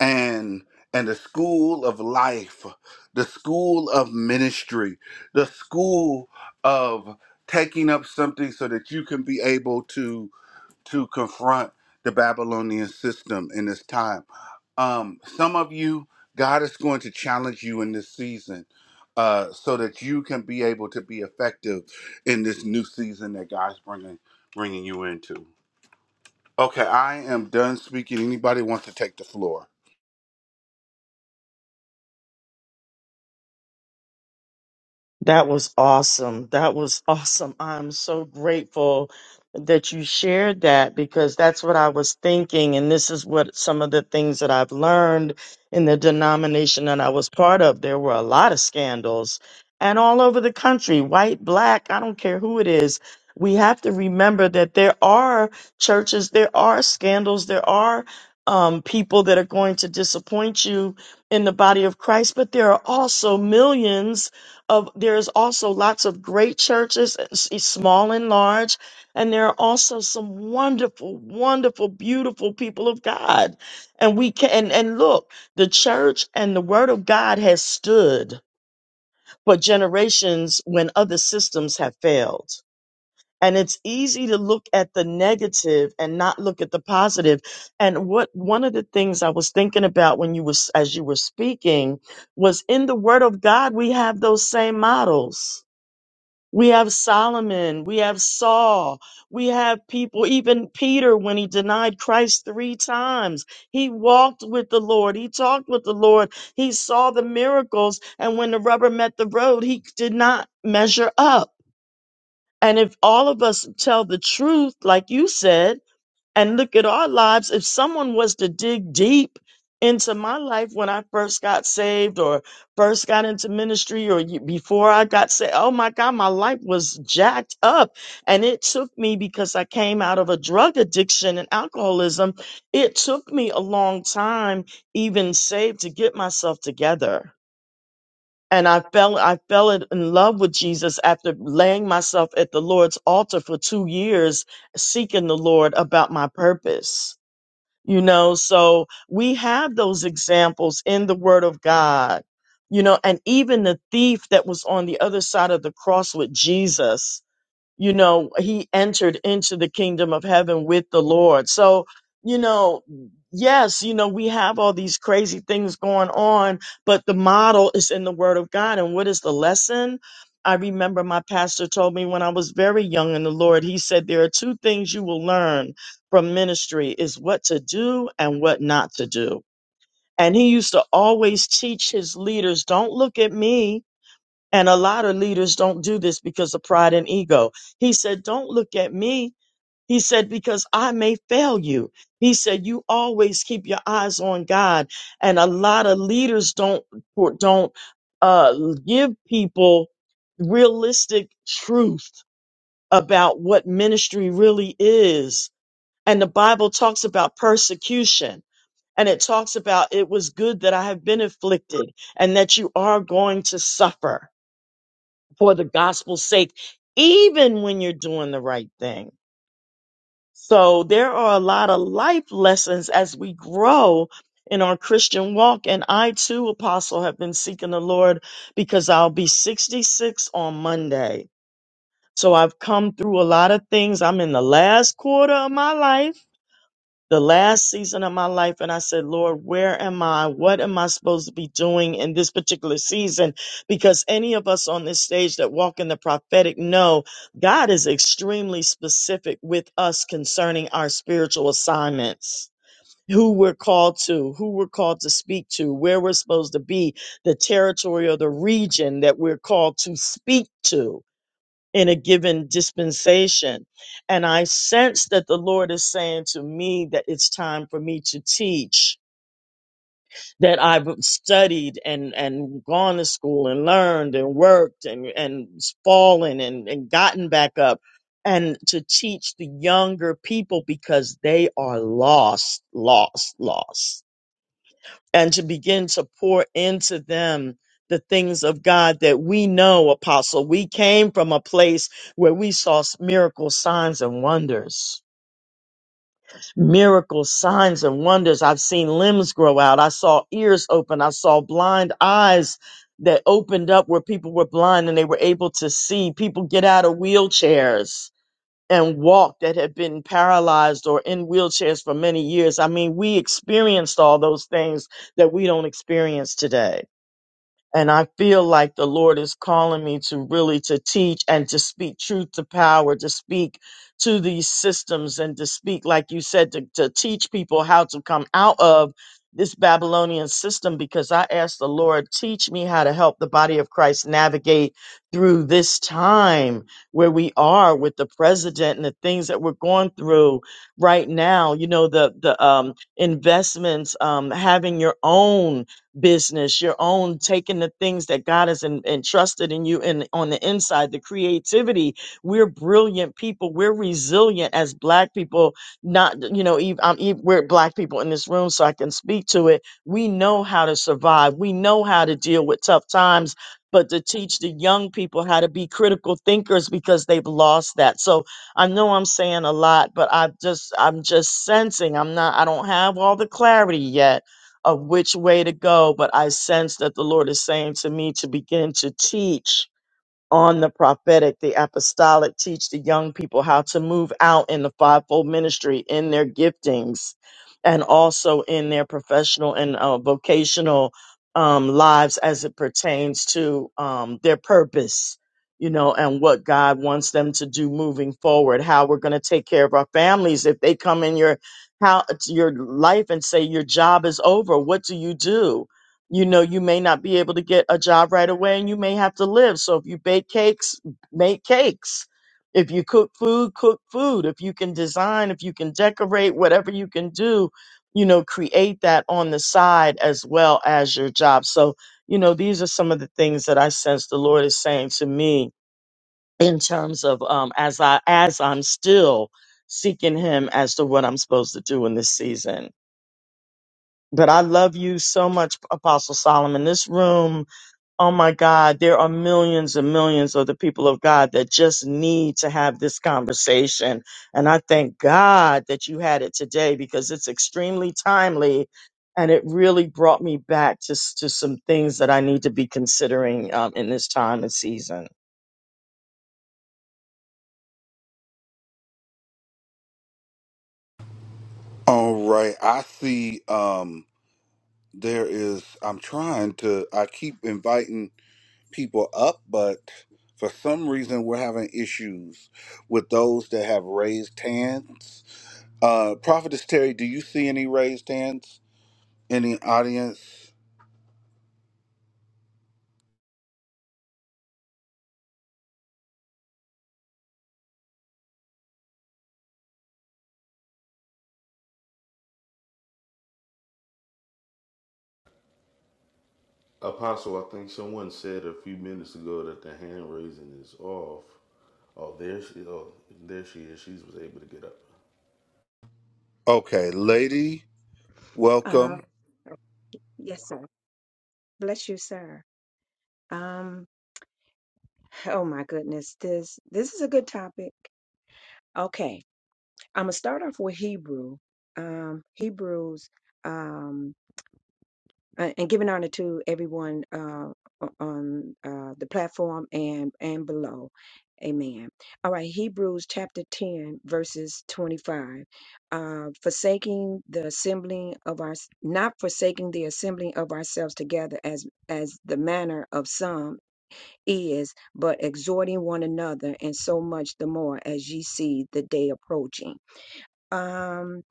A: and and the school of life the school of ministry the school of taking up something so that you can be able to to confront the Babylonian system in this time. Um, some of you, God is going to challenge you in this season uh, so that you can be able to be effective in this new season that God's bringing bringing you into. Okay, I am done speaking. Anybody wants to take the floor?
D: That was awesome. That was awesome. I'm so grateful that you shared that because that's what I was thinking. And this is what some of the things that I've learned in the denomination that I was part of. There were a lot of scandals and all over the country, white, black, I don't care who it is. We have to remember that there are churches, there are scandals, there are um, people that are going to disappoint you in the body of Christ, but there are also millions of there's also lots of great churches uh, s- e, small and large and there are also some wonderful wonderful beautiful people of god and we can and, and look the church and the word of god has stood for generations when other systems have failed and it's easy to look at the negative and not look at the positive positive. and what one of the things i was thinking about when you was as you were speaking was in the word of god we have those same models we have Solomon, we have Saul, we have people, even Peter, when he denied Christ three times, he walked with the Lord, he talked with the Lord, he saw the miracles, and when the rubber met the road, he did not measure up. And if all of us tell the truth, like you said, and look at our lives. If someone was to dig deep into my life when I first got saved or first got into ministry or y- before I got saved, oh my God, my life was jacked up. And it took me because I came out of a drug addiction and alcoholism. It took me a long time, even saved, to get myself together. And I fell, I fell in in love with Jesus after laying myself at the Lord's altar for two years seeking the Lord about my purpose you know so we have those examples in the word of god you know and even the thief that was on the other side of the cross with jesus you know he entered into the kingdom of heaven with the lord so you know yes you know we have all these crazy things going on but the model is in the word of god and what is the lesson i remember my pastor told me when i was very young in the lord he said there are two things you will learn from ministry is what to do and what not to do and he used to always teach his leaders don't look at me and a lot of leaders don't do this because of pride and ego. He said, Don't look at me. He said, Because I may fail you. He said, You always keep your eyes on God. And a lot of leaders don't or don't uh, give people realistic truth about what ministry really is. And the Bible talks about persecution. And it talks about it was good that I have been afflicted and that you are going to suffer for the gospel's sake, even when you're doing the right thing. So there are a lot of life lessons as we grow in our Christian walk. And I too, apostle, have been seeking the Lord because I'll be 66 on Monday. So I've come through a lot of things. I'm in the last quarter of my life the last season of my life and I said, Lord, where am I? What am I supposed to be doing in this particular season? Because any of us on this stage that walk in the prophetic know God is extremely specific with us concerning our spiritual assignments. Who we're called to, who we're called to speak to, where we're supposed to be, the territory or the region that we're called to speak to in a given dispensation. And I sense that the Lord is saying to me that it's time for me to teach, that I've studied and, and gone to school and learned and worked and, and fallen and, and gotten back up and to teach the younger people because they are lost, lost, lost and to begin to pour into them the things of God that we know, Apostle. We came from a place where we saw miracle signs and wonders. Miracle signs and wonders. I've seen limbs grow out. I saw ears open. I saw blind eyes that opened up where people were blind and they were able to see. People get out of wheelchairs and walk that have been paralyzed or in wheelchairs for many years. I mean, we experienced all those things that we don't experience today and I feel like the Lord is calling me to really to teach and to speak truth to power, to speak to these systems and to speak, like you said, to, to teach people how to come out of this Babylonian system because I asked the Lord, teach me how to help the body of Christ navigate through this time where we are with the president and the things that we're going through right now. You know, the the um investments, um having your own business, your own taking the things that God has en- entrusted in you and on the inside, the creativity. We're brilliant people. We're resilient as black people. Not, you know, ev- I'm, ev- we're black people in this room, so I can speak to it. We know how to survive. We know how to deal with tough times, but to teach the young people how to be critical thinkers because they've lost that. So I know I'm saying a lot, but I just, I'm just sensing I'm not, I don't have all the clarity yet of which way to go, but I sense that the Lord is saying to me to begin to teach on the prophetic, the apostolic, teach the young people how to move out in the fivefold ministry in their giftings and also in their professional and uh, vocational um, lives as it pertains to um, their purpose, you know, and what God wants them to do moving forward, how we're going to take care of our families. If they come in your how your life and say your job is over, what do you do? you know you may not be able to get a job right away and you may have to live so if you bake cakes make cakes if you cook food cook food if you can design if you can decorate whatever you can do you know create that on the side as well as your job so you know these are some of the things that i sense the lord is saying to me in terms of um as i as i'm still seeking him as to what i'm supposed to do in this season but i love you so much apostle solomon this room Oh my God, there are millions and millions of the people of God that just need to have this conversation. And I thank God that you had it today because it's extremely timely and it really brought me back to, s- to some things that I need to be considering um, in this time and season.
A: All right, I see. Um, there is. I'm trying to. I keep inviting. people up, but for some reason we're having issues with those that have raised hands. Uh, Prophetess Terry, do you see any raised hands in the audience?
B: Apostle, I think someone said a few minutes ago that the hand raising is off. Oh, there she. Oh, there she is. She was able to get up.
A: Okay, lady,
E: Uh,
A: welcome.
E: yes, sir. Bless you, sir. Um, oh my goodness, this this is a good topic. Okay, I'm gonna start off with Hebrew, um, Hebrews, um, a- and giving honor to everyone uh, o- on uh, the platform and and below. Amen. All right, Hebrews chapter 10, verses 25. Uh, forsaking the assembling of our, not forsaking the assembling of ourselves together as as the manner of some is, but exhorting one another, and so much the more as ye see the day approaching. Um,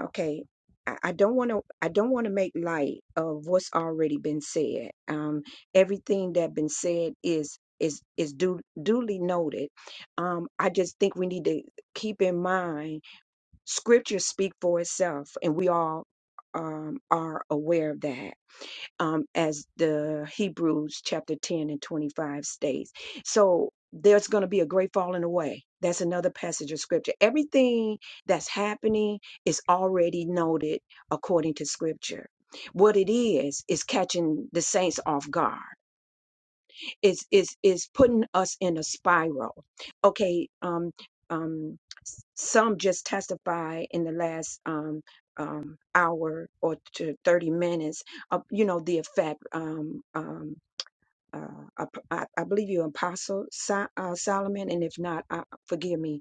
E: okay. I I don't want to. I don't want to make light of what's already been said. Um, everything that been said is is is du- duly noted. Um, I just think we need to keep in mind Scripture speak for itself, and we all um, are aware of that um, as the Hebrews chapter 10 and 25 states. So there's going to be a great falling away. That's another passage of scripture. Everything that's happening is already noted according to scripture. What it is, is catching the saints off guard is is is putting us in a spiral okay um um s- some just testify in the last um um hour or to 30 minutes of you know the effect um um uh, I, I I believe you apostle Sol- uh, solomon and if not uh, forgive me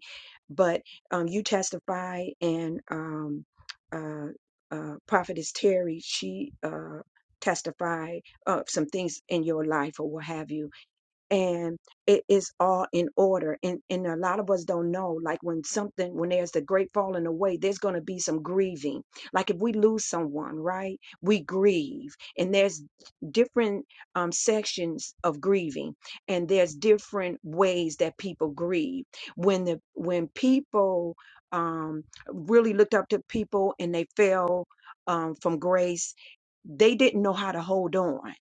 E: but um you testify and um uh uh prophetess terry she uh testified of some things in your life or what have you and it is all in order and and a lot of us don't know like when something when there's the great falling away there's going to be some grieving like if we lose someone right we grieve and there's different um sections of grieving and there's different ways that people grieve when the when people um really looked up to people and they fell um from grace they didn't know how to hold on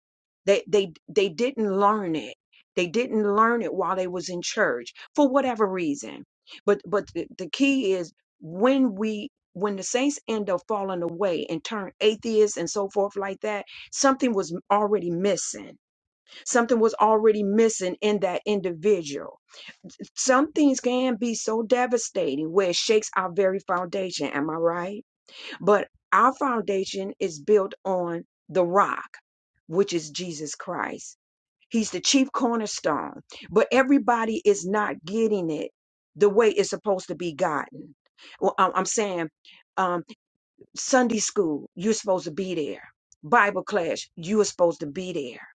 E: they they they didn't learn it they didn't learn it while they was in church for whatever reason. But but the, the key is when we when the saints end up falling away and turn atheists and so forth like that, something was already missing. Something was already missing in that individual. Some things can be so devastating where it shakes our very foundation. Am I right? But our foundation is built on the rock, which is Jesus Christ. He's the chief cornerstone, but everybody is not getting it the way it's supposed to be gotten. Well, I'm I'm saying um, Sunday school, you're supposed to be there. Bible class, you are supposed to be there.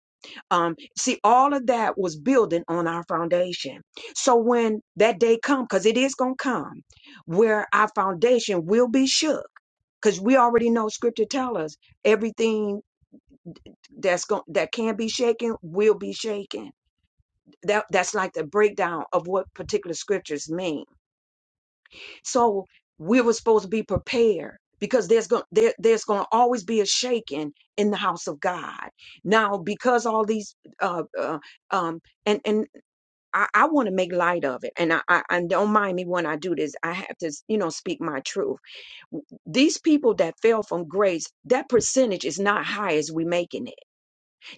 E: Um, see, all of that was building on our foundation. So when that day come, because it is gonna come, where our foundation will be shook, because we already know Scripture tell us everything that's going that can be shaken will be shaken that that's like the breakdown of what particular scriptures mean so we were supposed to be prepared because there's going there, there's going to always be a shaking in the house of god now because all these uh, uh um and and i, I want to make light of it and I, I and don't mind me when i do this i have to you know speak my truth W- these people that fell from grace that percentage is not high as we making it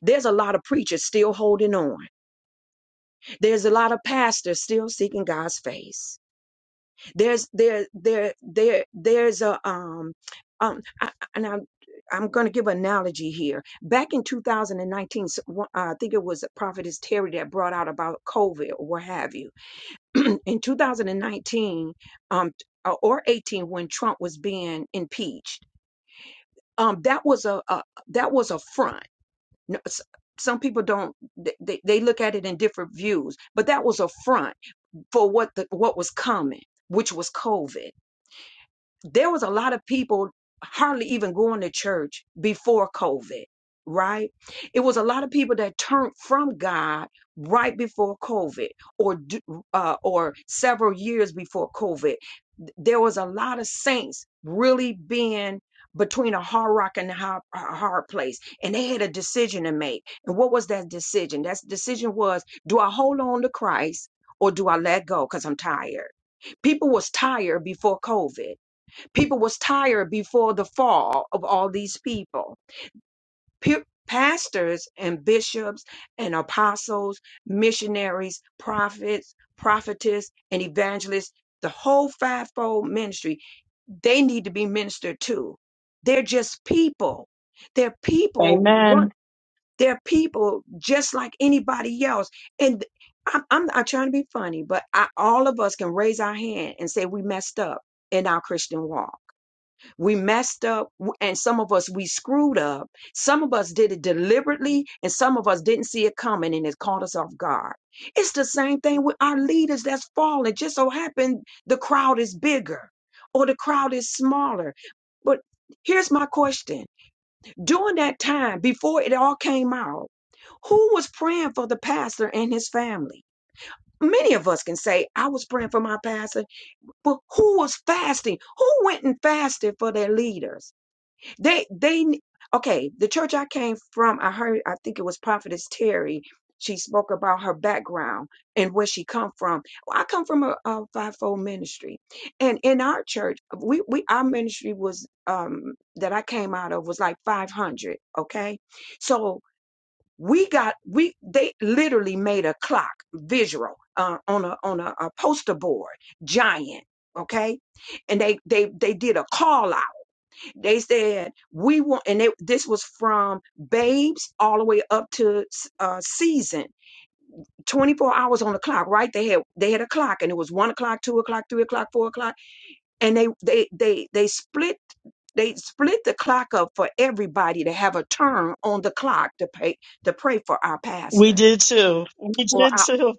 E: there's a lot of preachers still holding on there's a lot of pastors still seeking god's face There's there there there there's a um um I, and I. I'm going to give an analogy here. Back in 2019, s- one- uh, I think it was Prophetess Terry that brought out about COVID or what have you. in 2019 um, uh, or 18, when Trump was being impeached, um, that was a, a that was a front. No, s- Some people don't th- they, they look at it in different views, but that was a front for what the, what was coming, which was COVID there was a lot of people hardly even going to church before COVID, right? It was a lot of people that turned from God right before COVID or d- uh, or several years before COVID. There was a lot of saints really being between a hard rock and a hard, a hard place and they had a decision to make and what was that decision that decision was do i hold on to christ or do i let go because i'm tired people was tired before covid people was tired before the fall of all these people Pe- pastors and bishops and apostles missionaries prophets prophetess and evangelists the whole fivefold ministry they need to be ministered to they're just people they're people run
D: Amen.
E: they're people just like anybody else and I'm, I'm not trying to be funny but I, all of us can raise our hand and say we messed up in our christian walk we messed up, w- and some of us we screwed up. Some of us did it deliberately, and some of us didn't see it coming, and it caught us off guard. It's the same thing with our leaders that's falling. Just so happened the crowd is bigger or the crowd is smaller. But here's my question during that time, before it all came out, who was praying for the pastor and his family? Many of us can say, I was praying for my pastor, but who was fasting? Who went and fasted for their leaders? They they okay, the church I came from, I heard I think it was Prophetess Terry. She spoke about her background and where she come from. Well, I come from a, a fivefold ministry, and in our church, we, we our ministry was um that I came out of was like five hundred. Okay, so we got we they literally made a clock visual uh, on a on a, a poster board giant. Okay, and they they they did a call out they said we want, and they, this was from babes all the way up to uh, season. 24 hours on the clock, right? They had they had a clock, and it was one o'clock, two o'clock, three o'clock, four o'clock, and they they they they split they split the clock up for everybody to have a turn on the clock to pay to pray for our
D: We
E: pastor
D: did too. We
E: or our
D: did too.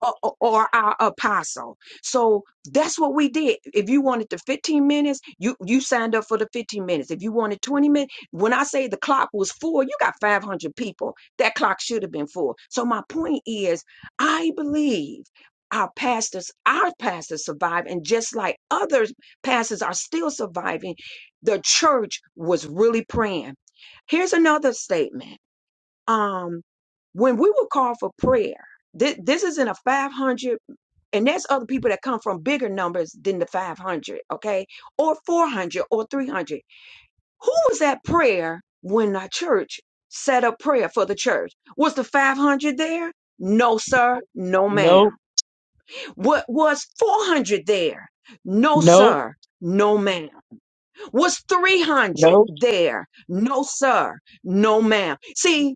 E: or, or or our apostle. So that's what we did. If you wanted the 15 minutes, you you signed up for the 15 minutes. If you wanted 20 minutes, when I say the clock was full, you got 500 people. That clock should have been full. So my point is, I believe our pastors, our pastors survived, and just like other pastors are still surviving, the church was really praying. Here's another statement. Um, when we were called for prayer, this, this is in a 500, and there's other people that come from bigger numbers than the 500, okay, or 400 or 300. Who was at prayer when our church set up prayer for the church? Was the 500 there? No, sir. No, ma'am.
D: Nope,
E: What was 400 there? No,
D: nope,
E: sir. No, ma'am. Was 300
D: nope.
E: there? No, sir. No, ma'am. See,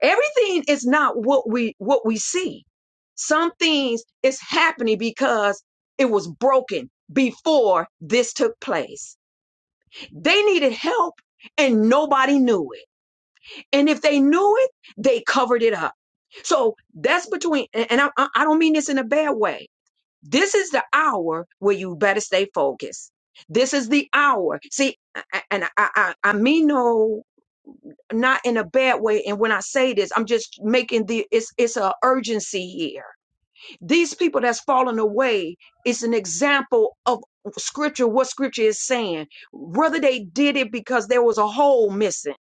E: everything is not what we what we see some things is happening because it was broken before this took place they needed help and nobody knew it and if they knew it they covered it up so that's between and i, I don't mean this in a bad way this is the hour where you better stay focused this is the hour see and i, I I mean no not in a bad way and when i say this i'm just making the it's it's an urgency here these people that's fallen away is an example of scripture what scripture is saying whether they did it because there was a hole missing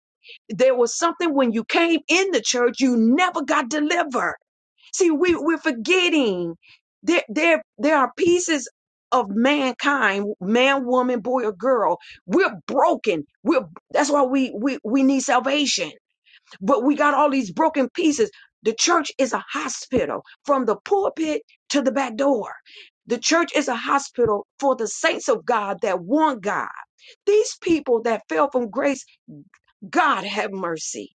E: there was something when you came in the church you never got delivered see we, we're forgetting there, there there are pieces of mankind man woman boy or girl we're broken we're that's why we we, we need salvation but we got all these broken pieces. The church is a hospital from the pulpit to the back door. The church is a hospital for the saints of God that want God. These people that fell from grace, God have mercy.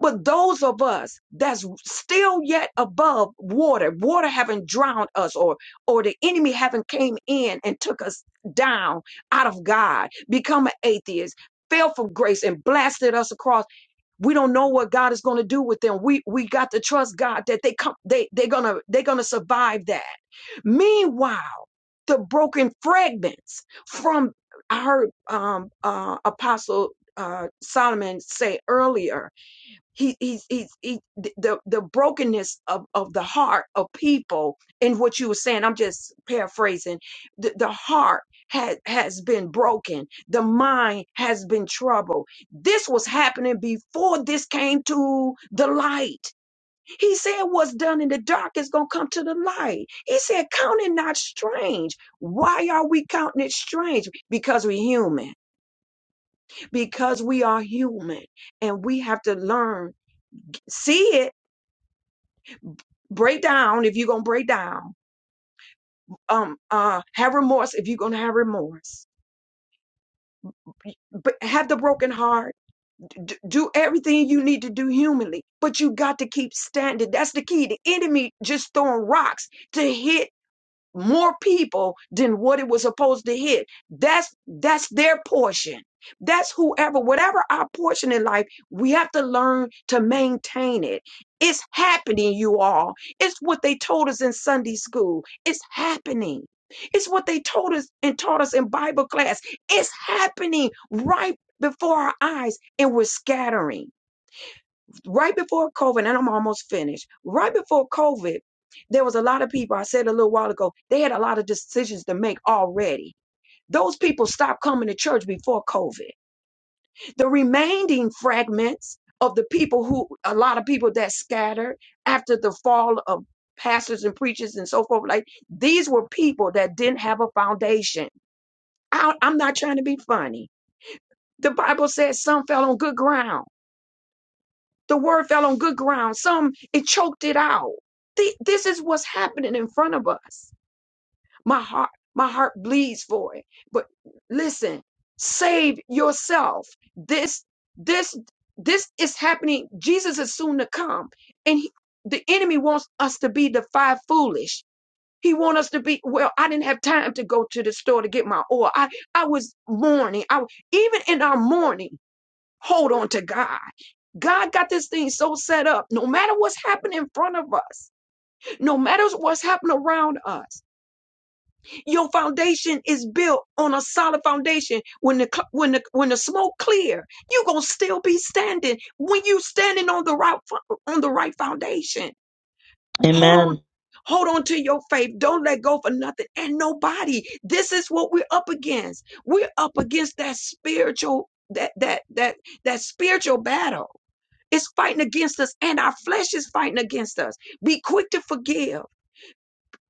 E: But those of us that's still yet above water, water haven't drowned us or or the enemy haven't came in and took us down out of God, become an atheist, fell from grace and blasted us across we don't know what God is going to do with them. We we got to trust God that they come they they're going to they're going to survive that. Meanwhile, the broken fragments from I heard um uh apostle uh Solomon say earlier he he's he's he, the the brokenness of of the heart of people and what you were saying i'm just paraphrasing the, the heart has has been broken the mind has been troubled this was happening before this came to the light he said what's done in the dark is going to come to the light he said count it not strange why are we counting it strange because we're human because we are human and we have to learn see it break down if you're gonna break down um uh have remorse if you're gonna have remorse but have the broken heart D- do everything you need to do humanly but you got to keep standing that's the key the enemy just throwing rocks to hit more people than what it was supposed to hit. That's that's their portion. That's whoever, whatever our portion in life, we have to learn to maintain it. It's happening, you all. It's what they told us in Sunday school. It's happening. It's what they told us and taught us in Bible class. It's happening right before our eyes, and we're scattering right before COVID, and I'm almost finished. Right before COVID, there was a lot of people, I said a little while ago, they had a lot of decisions to make already. Those people stopped coming to church before COVID. The remaining fragments of the people who, a lot of people that scattered after the fall of pastors and preachers and so forth, like these were people that didn't have a foundation. I, I'm not trying to be funny. The Bible says some fell on good ground The word fell on good ground. Some, it choked it out. Th- This is what's happening in front of us. My heart, my heart bleeds for it. But listen, save yourself. This, this, this is happening. Jesus is soon to come. And he, the enemy wants us to be the five foolish. He wants us to be, well, I didn't have time to go to the store to get my oil. I, I was mourning. I, even in our mourning, hold on to God God got this thing so set up. No matter what's happening in front of us, no matter what's happening around us, your foundation is built on a solid foundation. When the cl- when the when the smoke clear, you gonna still be standing when you standing on the right fo- on the right foundation. Hold on.
D: Amen.
E: Hold on to your faith. Don't let go for nothing and nobody. This is what we're up against. We're up against that spiritual that that that that spiritual battle it's fighting against us, and our flesh is fighting against us. Be quick to forgive.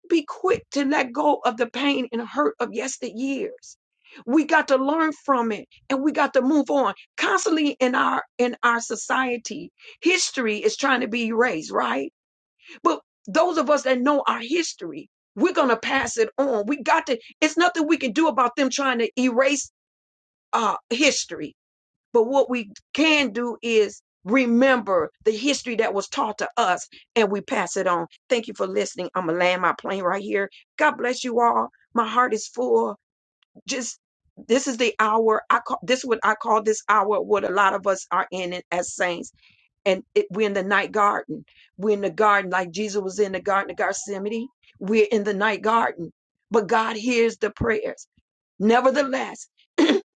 E: Be quick to let go of the pain and hurt of yesteryears. We got to learn from it and we got to move on. Constantly in our in our society, history is trying to be erased, right? But those of us that know our history, we're gonna pass it on. We got to, it's nothing we can do about them trying to erase uh history but what we can do is remember the history that was taught to us and we pass it on. Thank you for listening. I'm going to land my plane right here. God bless you all. My heart is full. Just this is the hour I call this what I call this hour what a lot of us are in it as saints and it, we're in the night garden we're in the garden like Jesus was in the garden of Gethsemane we're in the night garden but God hears the prayers nevertheless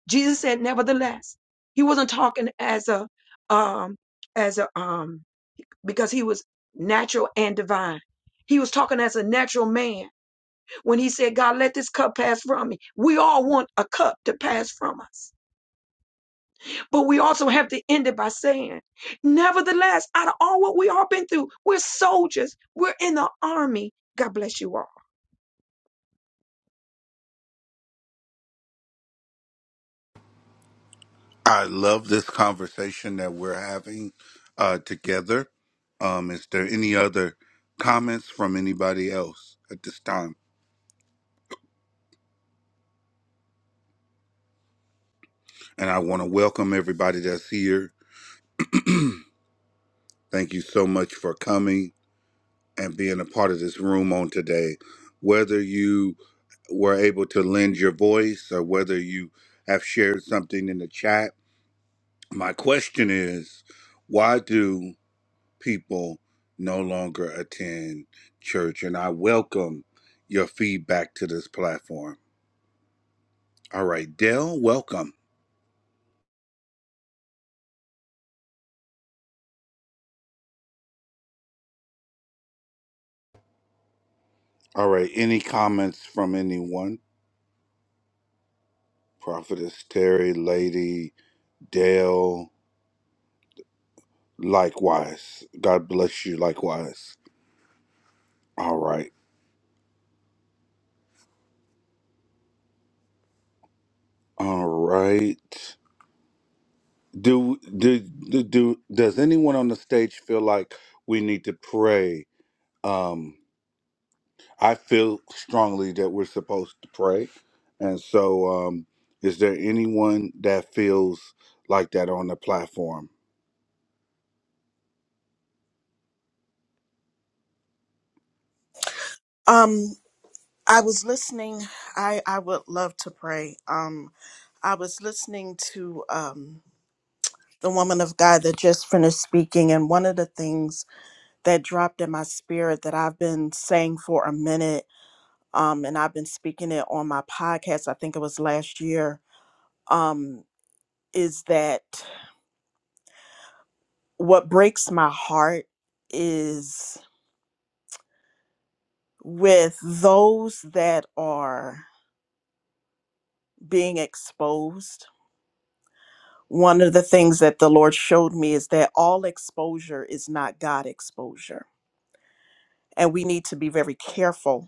E: Jesus said, nevertheless, he wasn't talking as a, um, as a, um, because he was natural and divine. He was talking as a natural man when he said, God, let this cup pass from me. We all want a cup to pass from us. But we also have to end it by saying, nevertheless, out of all what we all been through, we're soldiers. We're in the army. God bless you all.
A: I love this conversation that we're having uh, together. Um, is there any other comments from anybody else at this time? And I want to welcome everybody that's here. Thank you so much for coming and being a part of this room on today. Whether you were able to lend your voice or whether you have shared something in the chat, my question is why do people no longer attend church? And I welcome your feedback to this platform. All right, Dell, welcome. All right, any comments from anyone? Prophetess Terry, Lady, Dale, likewise. God bless you, likewise. All right. All right. Do, do do do does anyone on the stage feel like we need to pray? Um I feel strongly that we're supposed to pray. And so um is there anyone that feels like that on the platform?
C: Um, I was listening. I I would love to pray. Um, I was listening to um the woman of God that just finished speaking, and one of the things that dropped in my spirit that I've been saying for a minute um, and I've been speaking it on my podcast, I think it was last year, um, is that what breaks my heart is with those that are being exposed. One of the things that the Lord showed me is that all exposure is not God exposure. And we need to be very careful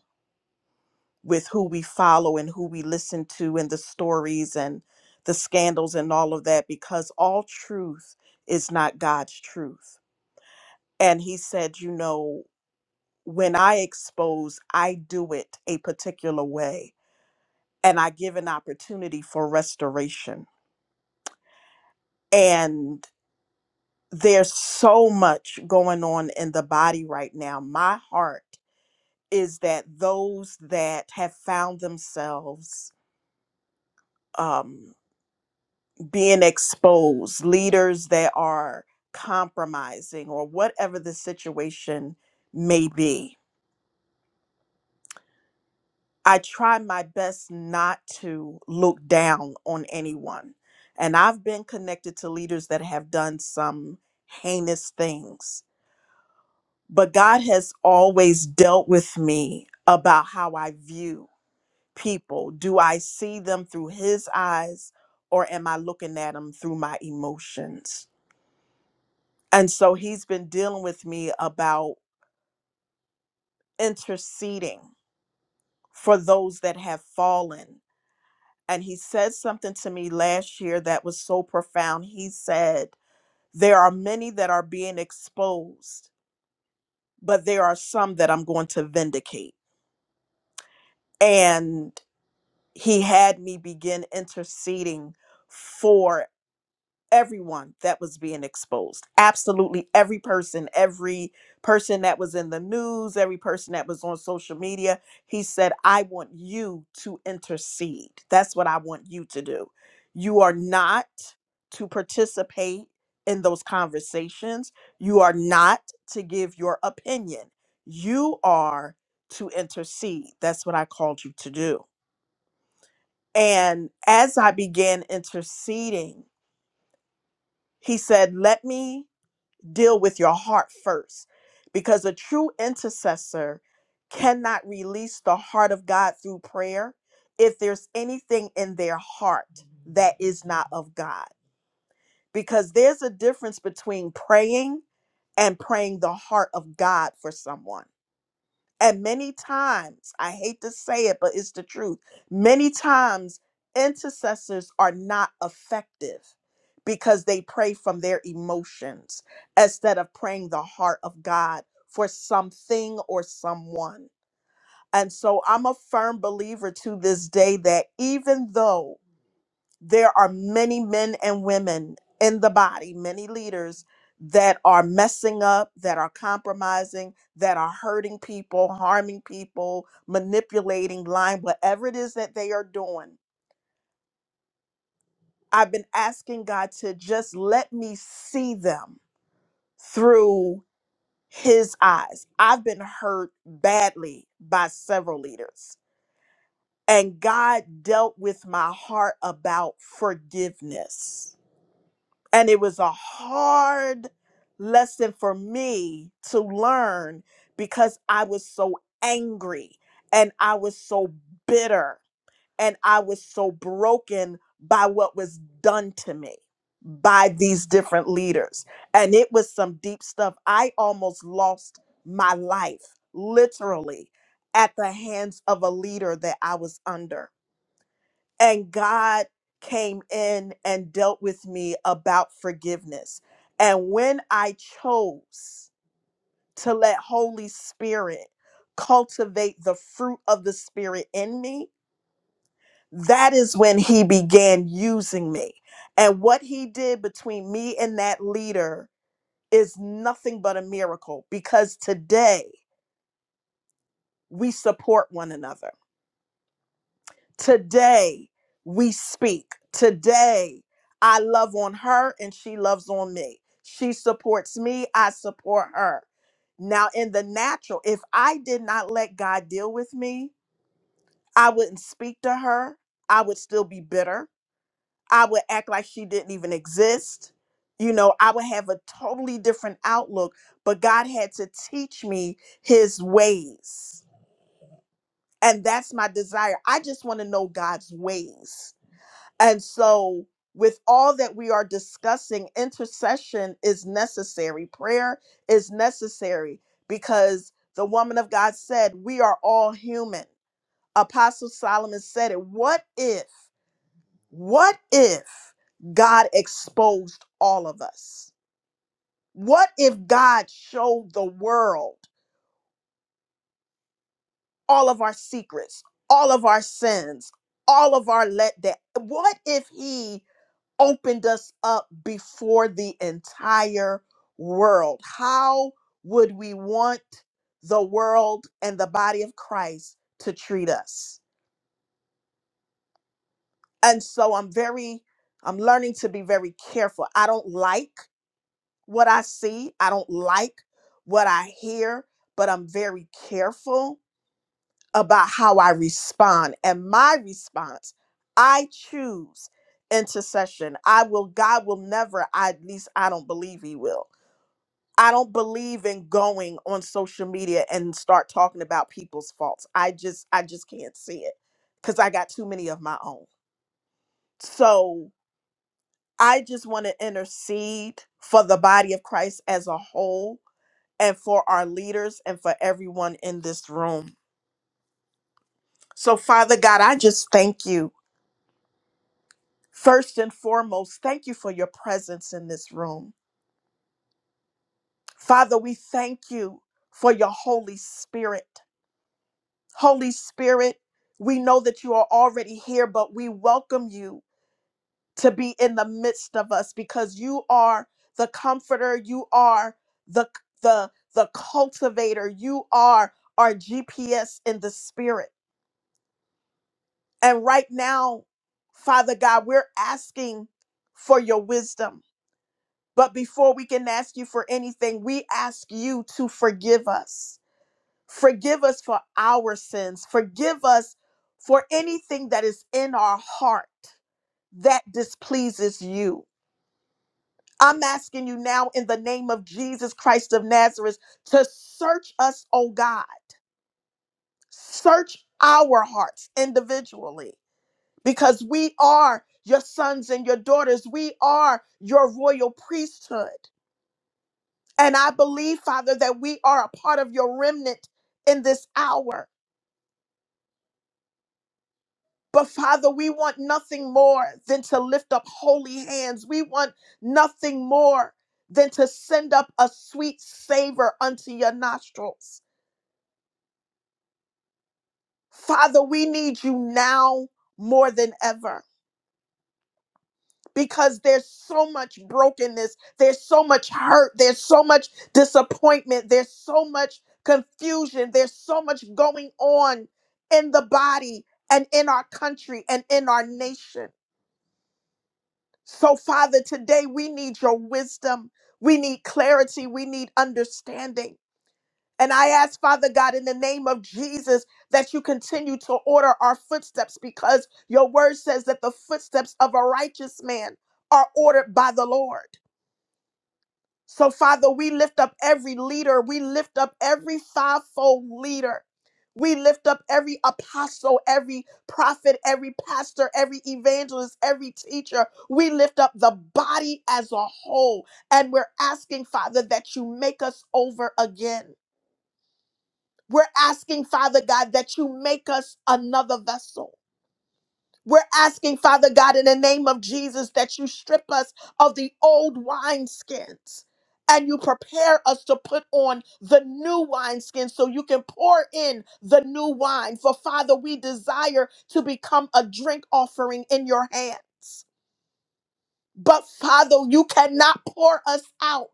C: with who we follow and who we listen to and the stories and the scandals and all of that because all truth is not God's truth. And he said, you know, when I expose, I do it a particular way and I give an opportunity for restoration. And there's so much going on in the body right now. My heart is that those that have found themselves um, being exposed, leaders that are compromising, or whatever the situation may be. I try my best not to look down on anyone. And I've been connected to leaders that have done some heinous things, but God has always dealt with me about how I view people. Do I see them through His eyes, or am I looking at them through my emotions? And so he's been dealing with me about interceding for those that have fallen. And he said something to me last year that was so profound. He said, There are many that are being exposed, but there are some that I'm going to vindicate. And he had me begin interceding for everyone that was being exposed. Absolutely every person, every person that was in the news, every person that was on social media. He said, I want you to intercede. That's what I want you to do. You are not to participate in those conversations, you are not to give your opinion. You are to intercede. That's what I called you to do. And as I began interceding, he said, Let me deal with your heart first because a true intercessor cannot release the heart of God through prayer if there's anything in their heart that is not of God. Because there's a difference between praying and praying the heart of God for someone. And many times, I hate to say it, but it's the truth. Many times, intercessors are not effective because they pray from their emotions instead of praying the heart of God for something or someone. And so I'm a firm believer to this day that even though there are many men and women in the body, many leaders that are messing up, that are compromising, that are hurting people, harming people, manipulating, lying, whatever it is that they are doing. I've been asking God to just let me see them through his eyes. I've been hurt badly by several leaders, and God dealt with my heart about forgiveness And it was a hard lesson for me to learn because I was so angry and I was so bitter and I was so broken by what was done to me by these different leaders. And it was some deep stuff. I almost lost my life, literally, at the hands of a leader that I was under and God came in and dealt with me about forgiveness. And when I chose to let Holy Spirit cultivate the fruit of the Spirit in me, that is when he began using me. And what he did between me and that leader is nothing but a miracle because today we support one another. Today we speak. Today I love on her and she loves on me. She supports me, I support her. Now, in the natural, if I did not let God deal with me, I wouldn't speak to her. I would still be bitter. I would act like she didn't even exist. You know, I would have a totally different outlook, but God had to teach me his ways. And that's my desire. I just want to know God's ways. And so, with all that we are discussing, intercession is necessary. Prayer is necessary because the woman of God said, We are all human. Apostle Solomon said it. What if, what if God exposed all of us? What if God showed the world all of our secrets, all of our sins, all of our let that? What if He opened us up before the entire world. How would we want the world and the body of Christ to treat us? And so I'm very, I'm learning to be very careful. I don't like what I see, I don't like what I hear, but I'm very careful about how I respond. And my response, I choose intercession. I will, God will never, I, at least I don't believe He will. I don't believe in going on social media and start talking about people's faults. I just I just can't see it cuz I got too many of my own. So, I just want to intercede for the body of Christ as a whole and for our leaders and for everyone in this room. So, Father God, I just thank you. First and foremost, thank you for your presence in this room. Father, we thank you for your Holy Spirit. Holy Spirit, we know that you are already here, but we welcome you to be in the midst of us because you are the comforter, you are the the the cultivator, you are our GPS in the spirit. And right now, Father God, we're asking for your wisdom. But before we can ask you for anything, we ask you to forgive us Forgive us for our sins. Forgive us for anything that is in our heart that displeases you. I'm asking you now in the name of Jesus Christ of Nazareth to search us, oh God. Search our hearts individually because we are your sons and your daughters. We are your royal priesthood. And I believe, Father, that we are a part of your remnant in this hour. But Father, we want nothing more than to lift up holy hands. We want nothing more than to send up a sweet savor unto your nostrils. Father, we need you now more than ever because there's so much brokenness, there's so much hurt, there's so much disappointment, there's so much confusion, there's so much going on in the body and in our country and in our nation. So, Father, today we need your wisdom. We need clarity. We need understanding. And I ask, Father God, in the name of Jesus, that you continue to order our footsteps because your word says that the footsteps of a righteous man are ordered by the Lord. So, Father, we lift up every leader. We lift up every fivefold leader. We lift up every apostle, every prophet, every pastor, every evangelist, every teacher. We lift up the body as a whole. And we're asking, Father, that you make us over again. We're asking, Father God, that you make us another vessel. We're asking, Father God, in the name of Jesus, that you strip us of the old wineskins and you prepare us to put on the new wineskin so you can pour in the new wine. For Father, we desire to become a drink offering in your hands. But Father, you cannot pour us out.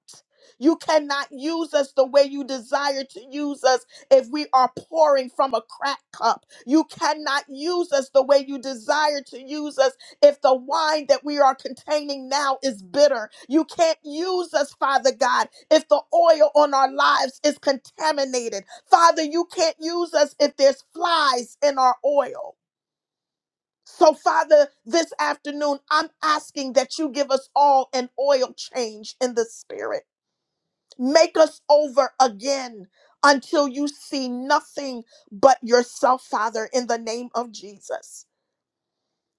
C: You cannot use us the way you desire to use us if we are pouring from a crack cup. You cannot use us the way you desire to use us if the wine that we are containing now is bitter. You can't use us, Father God, if the oil on our lives is contaminated. Father, you can't use us if there's flies in our oil. So, Father, this afternoon, I'm asking that you give us all an oil change in the spirit. Make us over again until you see nothing but yourself, Father, in the name of Jesus.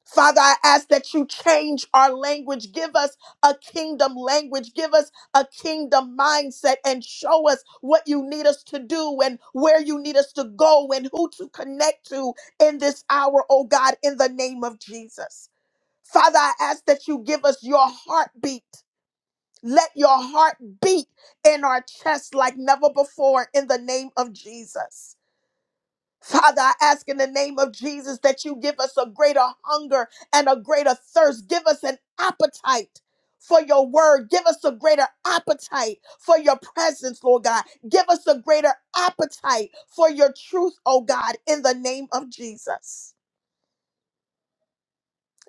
C: Father, I ask that you change our language. Give us a kingdom language. Give us a kingdom mindset and show us what you need us to do and where you need us to go and who to connect to in this hour, oh God, in the name of Jesus. Father, I ask that you give us your heartbeat. Let your heart beat in our chest like never before in the name of Jesus. Father, I ask in the name of Jesus that you give us a greater hunger and a greater thirst. Give us an appetite for your word. Give us a greater appetite for your presence, Lord God. Give us a greater appetite for your truth, oh God, in the name of Jesus.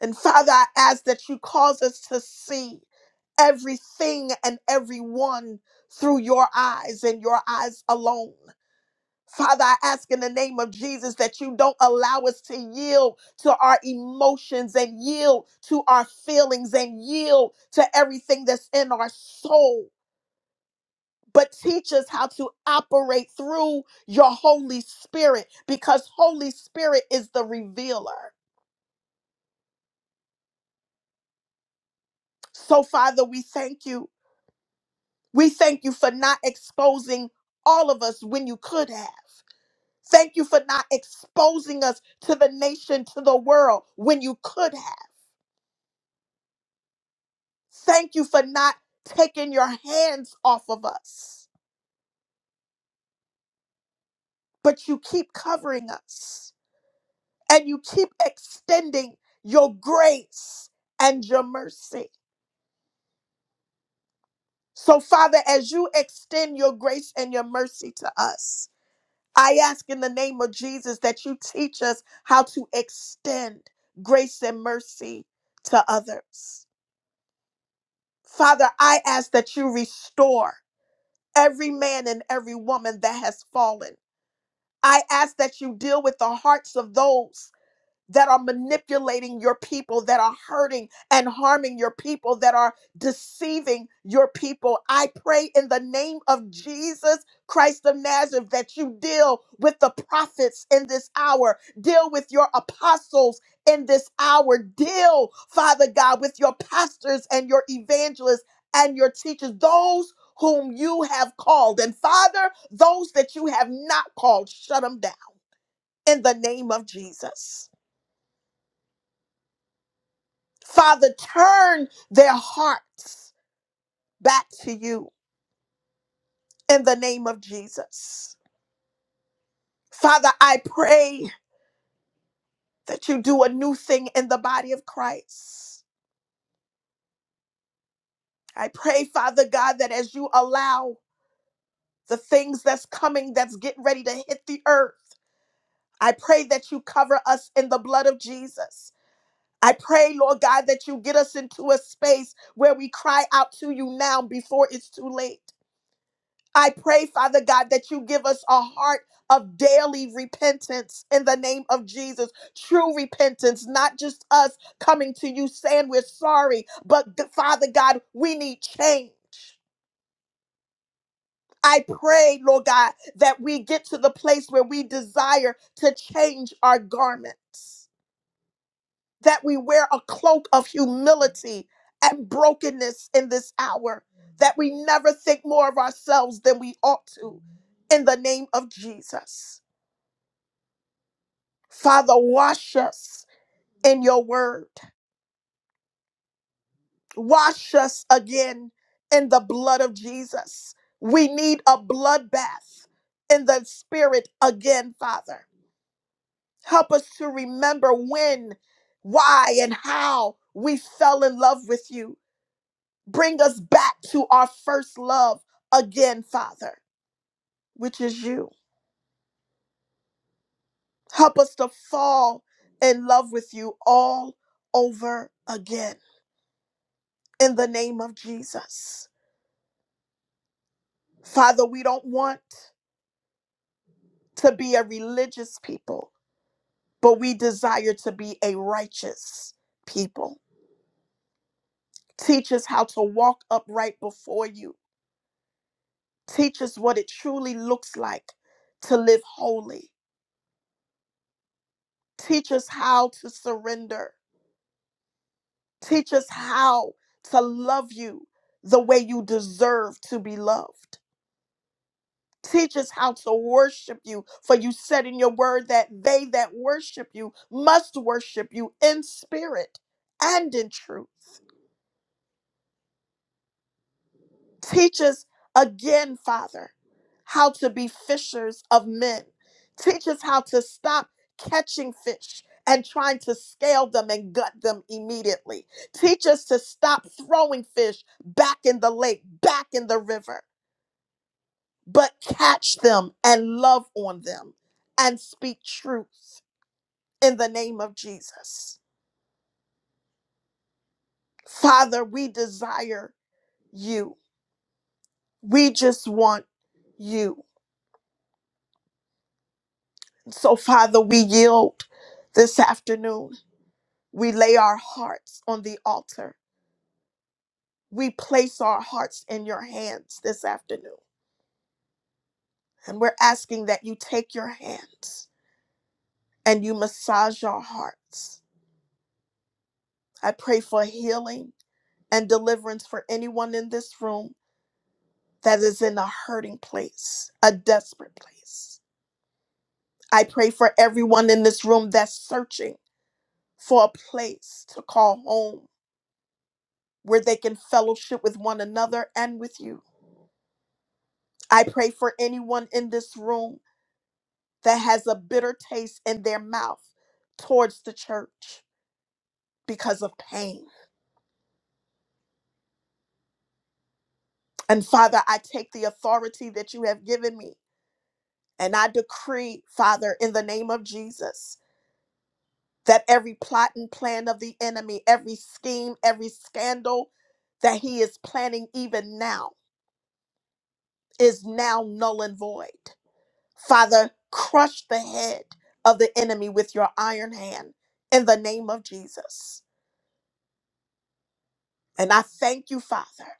C: And Father, I ask that you cause us to see everything and everyone through your eyes and your eyes alone. Father, I ask in the name of Jesus that you don't allow us to yield to our emotions and yield to our feelings and yield to everything that's in our soul, but teach us how to operate through your Holy Spirit because Holy Spirit is the revealer. So, Father, we thank you. We thank you for not exposing all of us when you could have. Thank you for not exposing us to the nation, to the world when you could have. Thank you for not taking your hands off of us. But you keep covering us and you keep extending your grace and your mercy. So, Father, as you extend your grace and your mercy to us, I ask in the name of Jesus that you teach us how to extend grace and mercy to others. Father, I ask that you restore every man and every woman that has fallen. I ask that you deal with the hearts of those that are manipulating your people, that are hurting and harming your people, that are deceiving your people. I pray in the name of Jesus Christ of Nazareth that you deal with the prophets in this hour, deal with your apostles in this hour, deal, Father God, with your pastors and your evangelists and your teachers, those whom you have called. And Father, those that you have not called, shut them down in the name of Jesus. Father, turn their hearts back to you in the name of Jesus. Father, I pray that you do a new thing in the body of Christ. I pray, Father God, that as you allow the things that's coming, that's getting ready to hit the earth, I pray that you cover us in the blood of Jesus. I pray, Lord God, that you get us into a space where we cry out to you now before it's too late. I pray, Father God, that you give us a heart of daily repentance in the name of Jesus. True repentance, not just us coming to you saying we're sorry, but th- Father God, we need change. I pray, Lord God, that we get to the place where we desire to change our garments. that we wear a cloak of humility and brokenness in this hour, that we never think more of ourselves than we ought to. In the name of Jesus. Father, wash us in your word. Wash us again in the blood of Jesus. We need a blood bath in the spirit again, Father. Help us to remember when, why, and how we fell in love with you Bring us back to our first love again, Father, which is you. Help us to fall in love with you all over again in the name of Jesus. Father, we don't want to be a religious people, but we desire to be a righteous people. Teach us how to walk upright before you. Teach us what it truly looks like to live holy. Teach us how to surrender. Teach us how to love you the way you deserve to be loved. Teach us how to worship you, for you said in your word that they that worship you must worship you in spirit and in truth. Teach us again, Father, how to be fishers of men. Teach us how to stop catching fish and trying to scale them and gut them immediately. Teach us to stop throwing fish back in the lake, back in the river, but catch them and love on them and speak truth in the name of Jesus. Father, we desire you. We just want you. So, Father, we yield this afternoon. We lay our hearts on the altar. We place our hearts in your hands this afternoon. And we're asking that you take your hands and you massage our hearts. I pray for healing and deliverance for anyone in this room that is in a hurting place, a desperate place. I pray for everyone in this room that's searching for a place to call home where they can fellowship with one another and with you. I pray for anyone in this room that has a bitter taste in their mouth towards the church because of pain. And Father, I take the authority that you have given me and I decree, Father, in the name of Jesus, that every plot and plan of the enemy, every scheme, every scandal that he is planning even now is now null and void. Father, crush the head of the enemy with your iron hand in the name of Jesus. And I thank you, Father,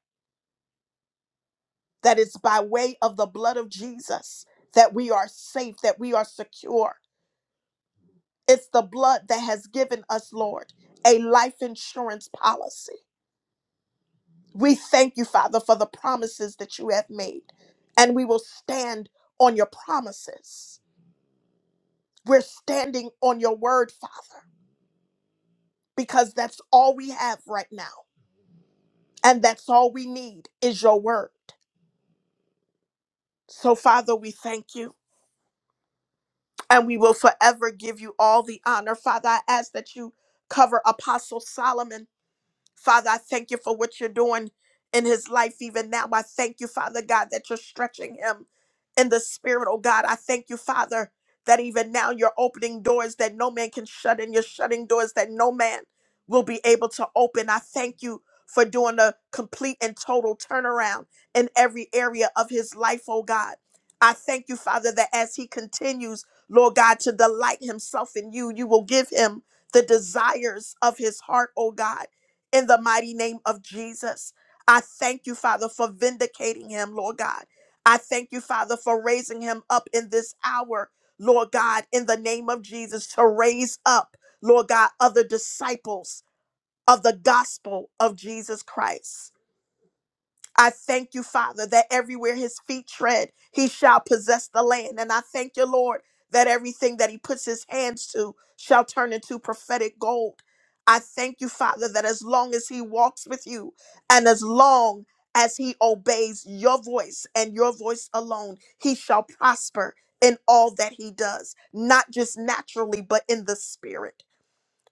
C: that it's by way of the blood of Jesus that we are safe, that we are secure. It's the blood that has given us, Lord, a life insurance policy. We thank you, Father, for the promises that you have made, and we will stand on your promises. We're standing on your word, Father, because that's all we have right now And that's all we need is your word. So, Father, we thank you and we will forever give you all the honor. Father, I ask that you cover Apostle Solomon Father, I thank you for what you're doing in his life even now. I thank you, Father God, that you're stretching him in the spirit, oh God. I thank you, Father, that even now you're opening doors that no man can shut, and you're shutting doors that no man will be able to open. I thank you for doing a complete and total turnaround in every area of his life, oh God. I thank you, Father, that as he continues, Lord God, to delight himself in you, you will give him the desires of his heart, oh God in the mighty name of Jesus. I thank you, Father, for vindicating him, Lord God. I thank you, Father, for raising him up in this hour, Lord God, in the name of Jesus, to raise up, Lord God, other disciples of the gospel of Jesus Christ. I thank you, Father, that everywhere his feet tread, he shall possess the land. And I thank you, Lord, that everything that he puts his hands to shall turn into prophetic gold. I thank you, Father, that as long as he walks with you and as long as he obeys your voice and your voice alone, he shall prosper in all that he does, not just naturally, but in the spirit.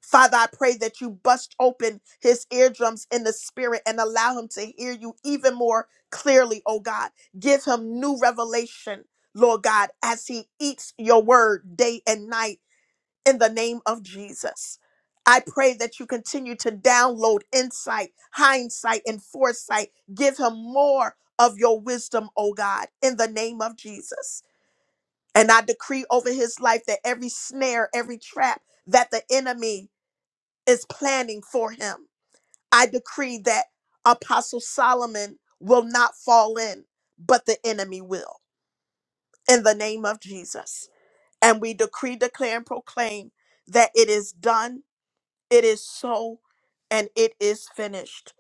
C: Father, I pray that you bust open his eardrums in the spirit and allow him to hear you even more clearly, oh God. Give him new revelation, Lord God, as he eats your word day and night in the name of Jesus. I pray that you continue to download insight, hindsight, and foresight. Give him more of your wisdom, oh God, in the name of Jesus. And I decree over his life that every snare, every trap, that the enemy is planning for him. I decree that Apostle Solomon will not fall in, but the enemy will, in the name of Jesus. And we decree, declare, and proclaim that it is done, it is so, and it is finished.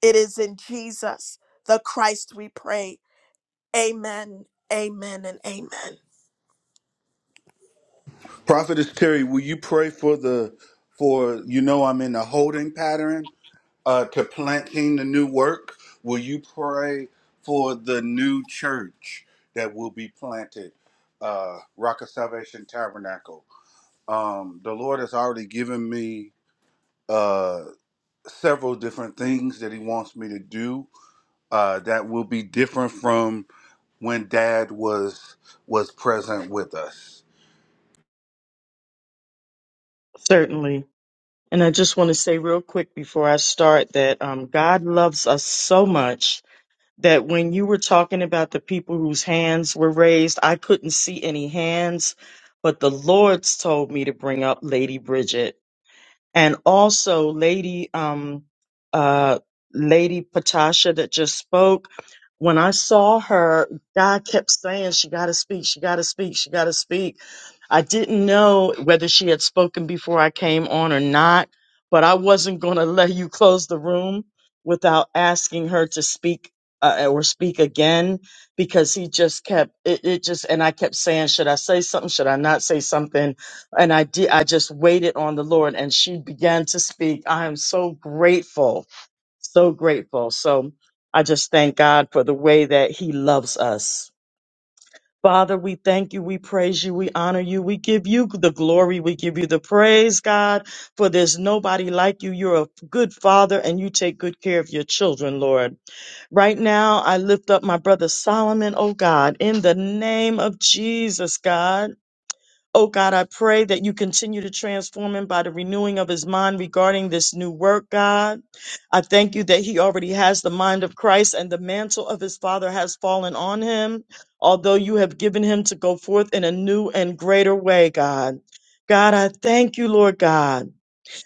C: It is in Jesus, the Christ, we pray. Amen, amen, and amen.
A: Prophetess Terry, will you pray for the for you know I'm in a holding pattern uh, to planting the new work. Will you pray for the new church that will be planted, uh, Rock of Salvation Tabernacle? Um, the Lord has already given me uh, several different things that He wants me to do uh, that will be different from when Dad was was present with us.
D: Certainly. And I just want to say real quick before I start that um, God loves us so much that when you were talking about the people whose hands were raised, I couldn't see any hands, but the Lord's told me to bring up Lady Bridget and also Lady um uh Lady Patasha that just spoke. When I saw her, God kept saying she got to speak, she got to speak, she got to speak. I didn't know whether she had spoken before I came on or not, but I wasn't going to let you close the room without asking her to speak uh, or speak again because he just kept it, it just and I kept saying should I say something should I not say something and I did, I just waited on the Lord and she began to speak. I am so grateful, so grateful. So I just thank God for the way that he loves us. Father, we thank you. We praise you. We honor you. We give you the glory. We give you the praise, God, for there's nobody like you. You're a good father and you take good care of your children, Lord. Right now, I lift up my brother Solomon, oh God, in the name of Jesus, God. Oh God, I pray that you continue to transform him by the renewing of his mind regarding this new work, God. I thank you that he already has the mind of Christ and the mantle of his Father has fallen on him, although you have given him to go forth in a new and greater way, God. God, I thank you, Lord God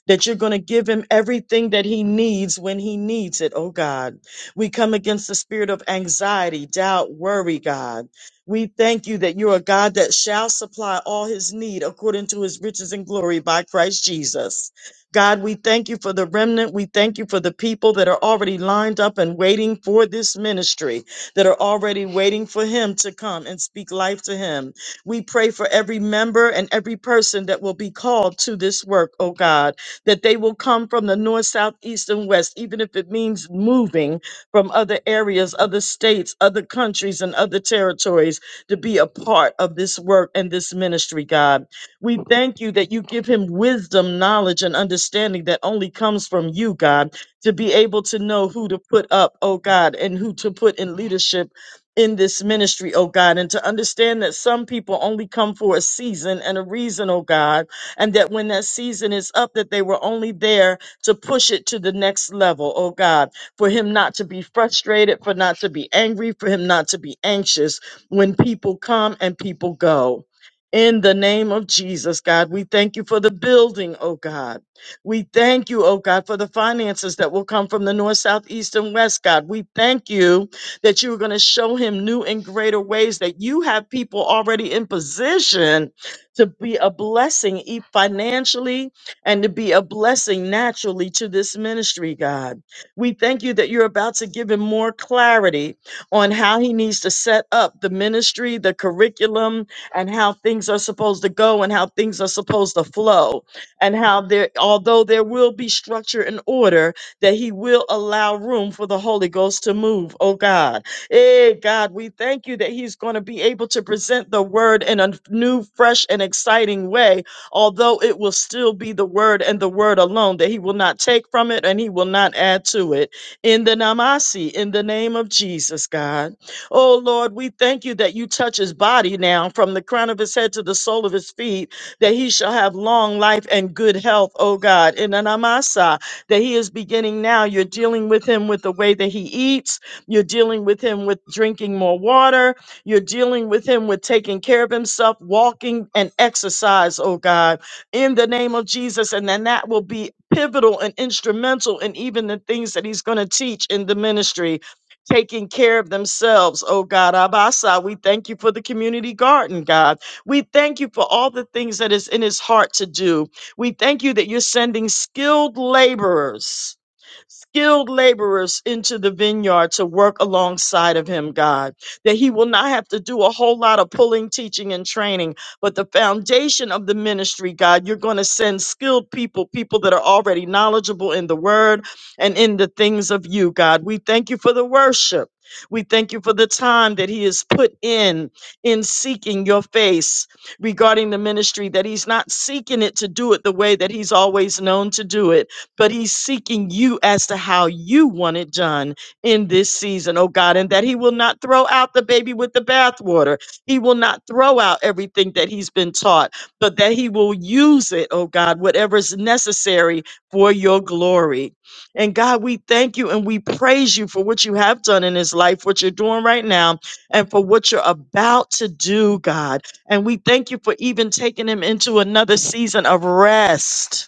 D: that you're going to give him everything that he needs when he needs it, oh God. We come against the spirit of anxiety, doubt, worry, God. We thank you that you're a God that shall supply all his need according to his riches and glory by Christ Jesus. God, we thank you for the remnant. We thank you for the people that are already lined up and waiting for this ministry, that are already waiting for him to come and speak life to him. We pray for every member and every person that will be called to this work, oh God that they will come from the north, south, east, and west, even if it means moving from other areas, other states, other countries, and other territories to be a part of this work and this ministry, God. We thank you that you give him wisdom, knowledge, and understanding that only comes from you, God, to be able to know who to put up, oh God, and who to put in leadership in this ministry, oh God, and to understand that some people only come for a season and a reason, oh God, and that when that season is up, that they were only there to push it to the next level, oh God, for him not to be frustrated, for not to be angry, for him not to be anxious when people come and people go. In the name of Jesus, God, we thank you for the building, oh God. We thank you, oh God, for the finances that will come from the north, south, east, and west, God. We thank you that you are going to show him new and greater ways that you have people already in position to be a blessing e- financially and to be a blessing naturally to this ministry, God. We thank you that you're about to give him more clarity on how he needs to set up the ministry, the curriculum, and how things are supposed to go and how things are supposed to flow. And how there, although there will be structure and order, that he will allow room for the Holy Ghost to move, oh God. Hey, God, we thank you that he's going to be able to present the word in a new, fresh, and exciting way, although it will still be the word and the word alone, that he will not take from it and he will not add to it. In the Namasi, in the name of Jesus, God. Oh, Lord, we thank you that you touch his body now from the crown of his head to the sole of his feet, that he shall have long life and good health, oh God. In the Namasa, that he is beginning now, you're dealing with him with the way that he eats you're dealing with him with drinking more water. You're dealing with him with taking care of himself, walking and exercise, oh God, in the name of Jesus. And then that will be pivotal and instrumental in even the things that he's going to teach in the ministry. Taking care of themselves, oh God. Abasa, we thank you for the community garden, God. We thank you for all the things that is in his heart to do. We thank you that you're sending skilled laborers skilled laborers into the vineyard to work alongside of him, God, that he will not have to do a whole lot of pulling, teaching, and training, but the foundation of the ministry, God, you're going to send skilled people, people that are already knowledgeable in the word and in the things of you, God. We thank you for the worship. We thank you for the time that he has put in in seeking your face regarding the ministry that he's not seeking it to do it the way that he's always known to do it but he's seeking you as to how you want it done in this season, oh God, and that he will not throw out the baby with the bathwater. He will not throw out everything that he's been taught, but that he will use it, oh God, whatever is necessary for your glory. And God, we thank you and we praise you for what you have done in his life, what you're doing right now, and for what you're about to do, God. And we thank you for even taking him into another season of rest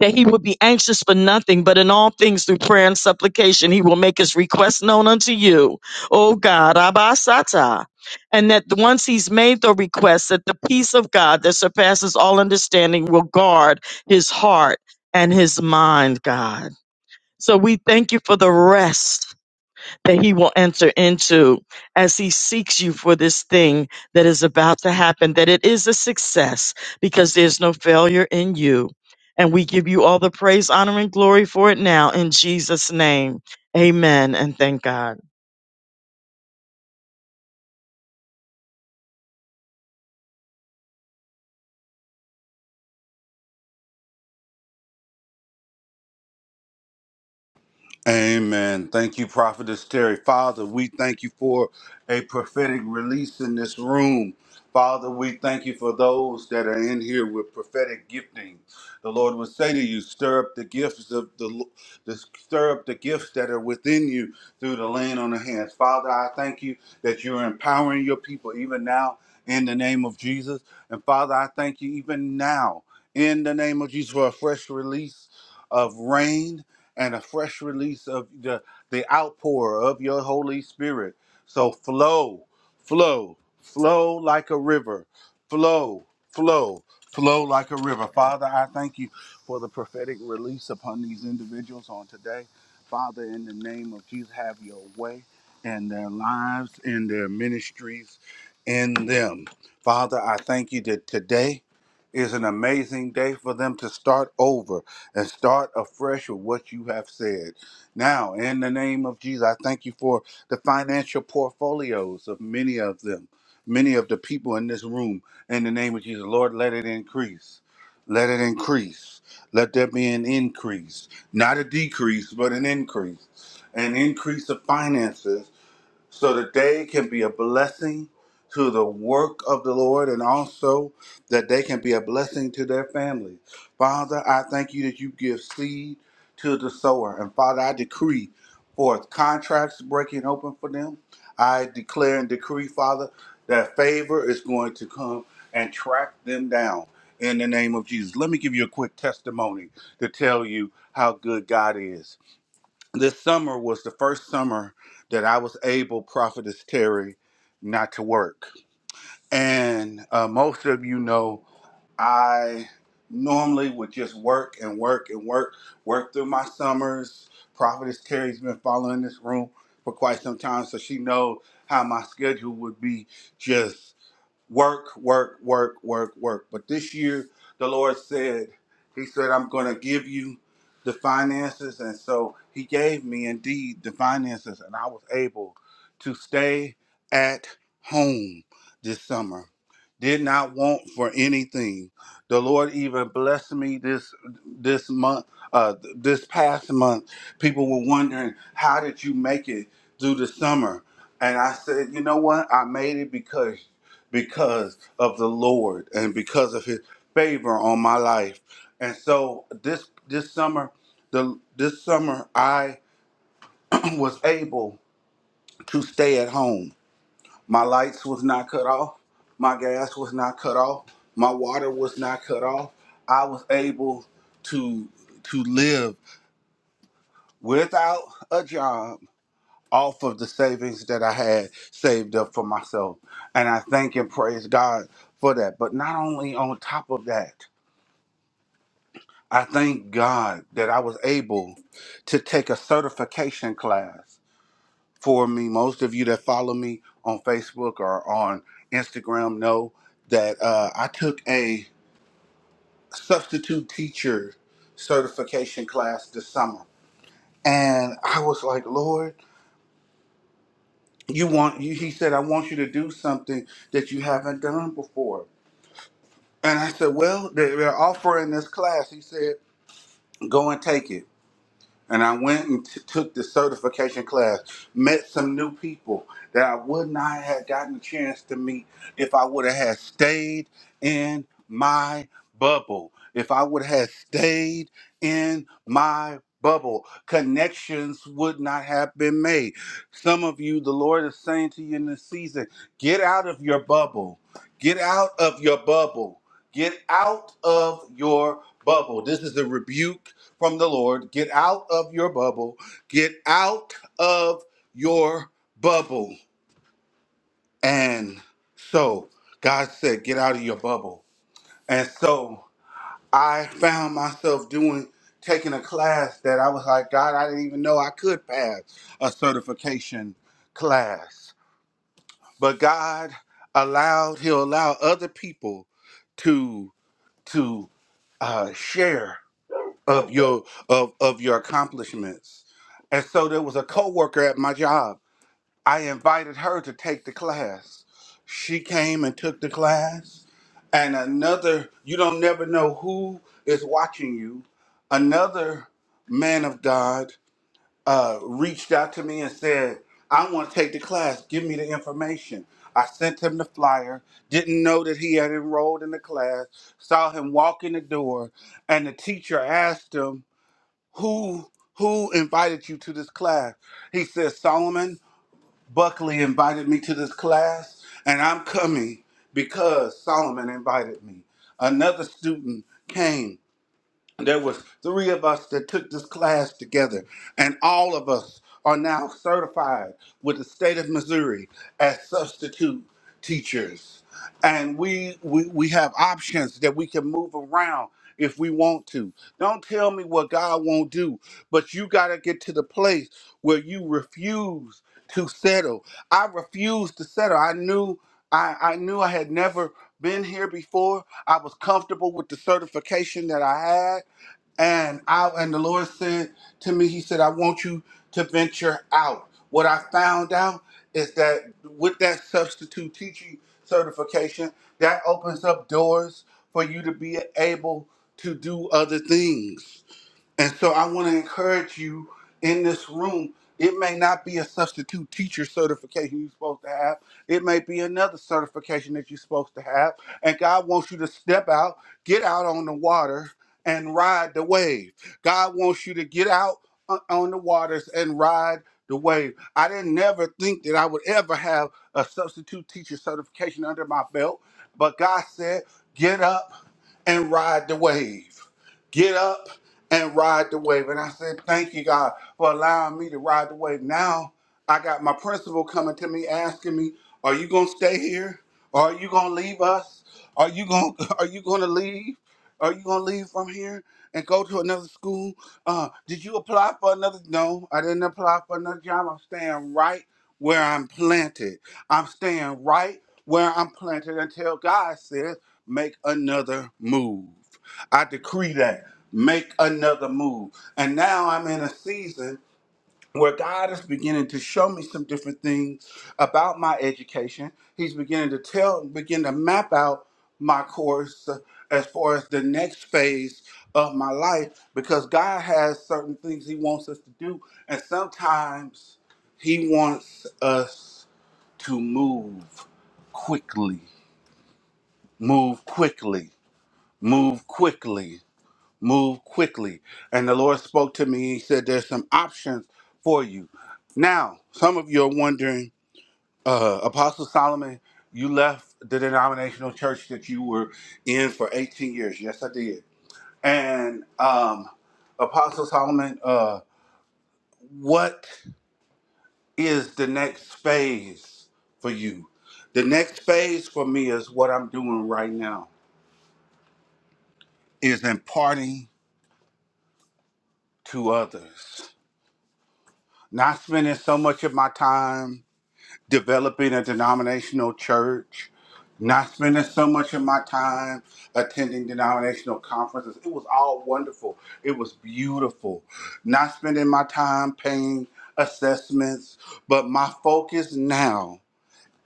D: that he would be anxious for nothing, but in all things through prayer and supplication, he will make his request known unto you, O God, Abba Sata. And that once he's made the request, that the peace of God that surpasses all understanding will guard his heart and his mind, God. So we thank you for the rest that he will enter into as he seeks you for this thing that is about to happen, that it is a success because there's no failure in you. And we give you all the praise, honor, and glory for it now in Jesus' name. Amen. And thank God.
A: Amen. Thank you, Prophetess Terry. Father, we thank you for a prophetic release in this room. Father, we thank you for those that are in here with prophetic gifting. The Lord would say to you, stir up the gifts of the, the stir up the gifts that are within you through the laying on the hands. Father, I thank you that you're empowering your people even now in the name of Jesus. And Father, I thank you even now in the name of Jesus for a fresh release of rain and a fresh release of the, the outpour of your Holy Spirit. So flow, flow, flow like a river, flow, flow, flow like a river. Father, I thank you for the prophetic release upon these individuals on today. Father, in the name of Jesus, have your way in their lives, in their ministries, in them. Father, I thank you that today is an amazing day for them to start over and start afresh with what you have said. Now, in the name of Jesus, I thank you for the financial portfolios of many of them, many of the people in this room. In the name of Jesus, Lord, let it increase. Let it increase. Let there be an increase, not a decrease, but an increase, an increase of finances so that they can be a blessing to the work of the Lord and also that they can be a blessing to their families. Father, I thank you that you give seed to the sower. And Father, I decree for contracts breaking open for them. I declare and decree, Father, that favor is going to come and track them down in the name of Jesus. Let me give you a quick testimony to tell you how good God is this summer was the first summer that I was able, Prophetess Terry, not to work. And uh, most of you know I normally would just work and work and work, work through my summers. Prophetess Terry's been following this room for quite some time, so she knows how my schedule would be just work, work, work, work, work. But this year, the Lord said, He said, I'm going to give you the finances. And so He gave me indeed the finances, and I was able to stay at home this summer. Did not want for anything. The Lord even blessed me this this month, uh, this past month. People were wondering, how did you make it through the summer? And I said, you know what? I made it because because of the Lord and because of His favor on my life. And so this this summer, the this summer I was able to stay at home. My lights was not cut off. My gas was not cut off. My water was not cut off. I was able to to live without a job off of the savings that I had saved up for myself. And I thank and praise God for that. But not only on top of that, I thank God that I was able to take a certification class for me. Most of you that follow me on Facebook or on Instagram know that uh, I took a substitute teacher certification class this summer. And I was like, Lord, you want you he said, I want you to do something that you haven't done before. And I said, Well, they- they're offering this class. He said, Go and take it. and I went and t- took the certification class. Met some new people that I would not have gotten a chance to meet if I would have had stayed in my bubble. If I would have stayed in my bubble, connections would not have been made. Some of you, the Lord is saying to you in this season, get out of your bubble. Get out of your bubble. Get out of your bubble. This is a rebuke from the Lord. Get out of your bubble. Get out of your bubble. And so God said, Get out of your bubble. And so I found myself doing, taking a class that I was like, God, I didn't even know I could pass a certification class. But God allowed, He'll allow other people to, to, uh, share of your of of your accomplishments. And so there was a coworker at my job. I invited her to take the class. She came and took the class. And another, you don't never know who is watching you. Another man of God uh, reached out to me and said, "I want to take the class. Give me the information." I sent him the flyer. Didn't know that he had enrolled in the class. Saw him walk in the door, and the teacher asked him who who invited you to this class he says solomon buckley invited me to this class and i'm coming because solomon invited me another student came there was three of us that took this class together and all of us are now certified with the state of missouri as substitute teachers and we, we we have options that we can move around if we want to. Don't tell me what God won't do, but you got to get to the place where you refuse to settle. I refused to settle. I knew I, I knew I had never been here before. I was comfortable with the certification that I had. And I and the Lord said to me, He said, I want you to venture out. What I found out is that with that substitute teaching certification, that opens up doors for you to be able to do other things. And so I want to encourage you in this room. It may not be a substitute teacher certification you're supposed to have. It may be another certification that you're supposed to have. And God wants you to step out, get out on the water, and ride the wave. God wants you to get out o- on the waters and ride the wave. I didn't never think that I would ever have a substitute teacher certification under my belt, but God said, get up and ride the wave. Get up and ride the wave. And I said, Thank you, God, for allowing me to ride the wave. Now I got my principal coming to me asking me, Are you gonna stay here? Or are you gonna leave us? Are you gonna are you gonna leave? Are you gonna leave from here and go to another school? Uh, did you apply for another? No, I didn't apply for another job. I'm staying right where I'm planted. I'm staying right where I'm planted until God says, make another move. I decree that. Make another move. And now I'm in a season where God is beginning to show me some different things about my education. He's beginning to tell, begin to map out my course uh, as far as the next phase of my life because God has certain things He wants us to do. And sometimes He wants us to move quickly, move quickly, move quickly move quickly. And the Lord spoke to me. He said, There's some options for you. Now, some of you are wondering, uh, Apostle Solomon, you left the denominational church that you were in for 18 years. Yes, I did. And um, Apostle Solomon, uh, what is the next phase for you? The next phase for me is what I'm doing right now is imparting to others. Not spending so much of my time developing a denominational church, not spending so much of my time attending denominational conferences. It was all wonderful. It was beautiful. Not spending my time paying assessments, but my focus now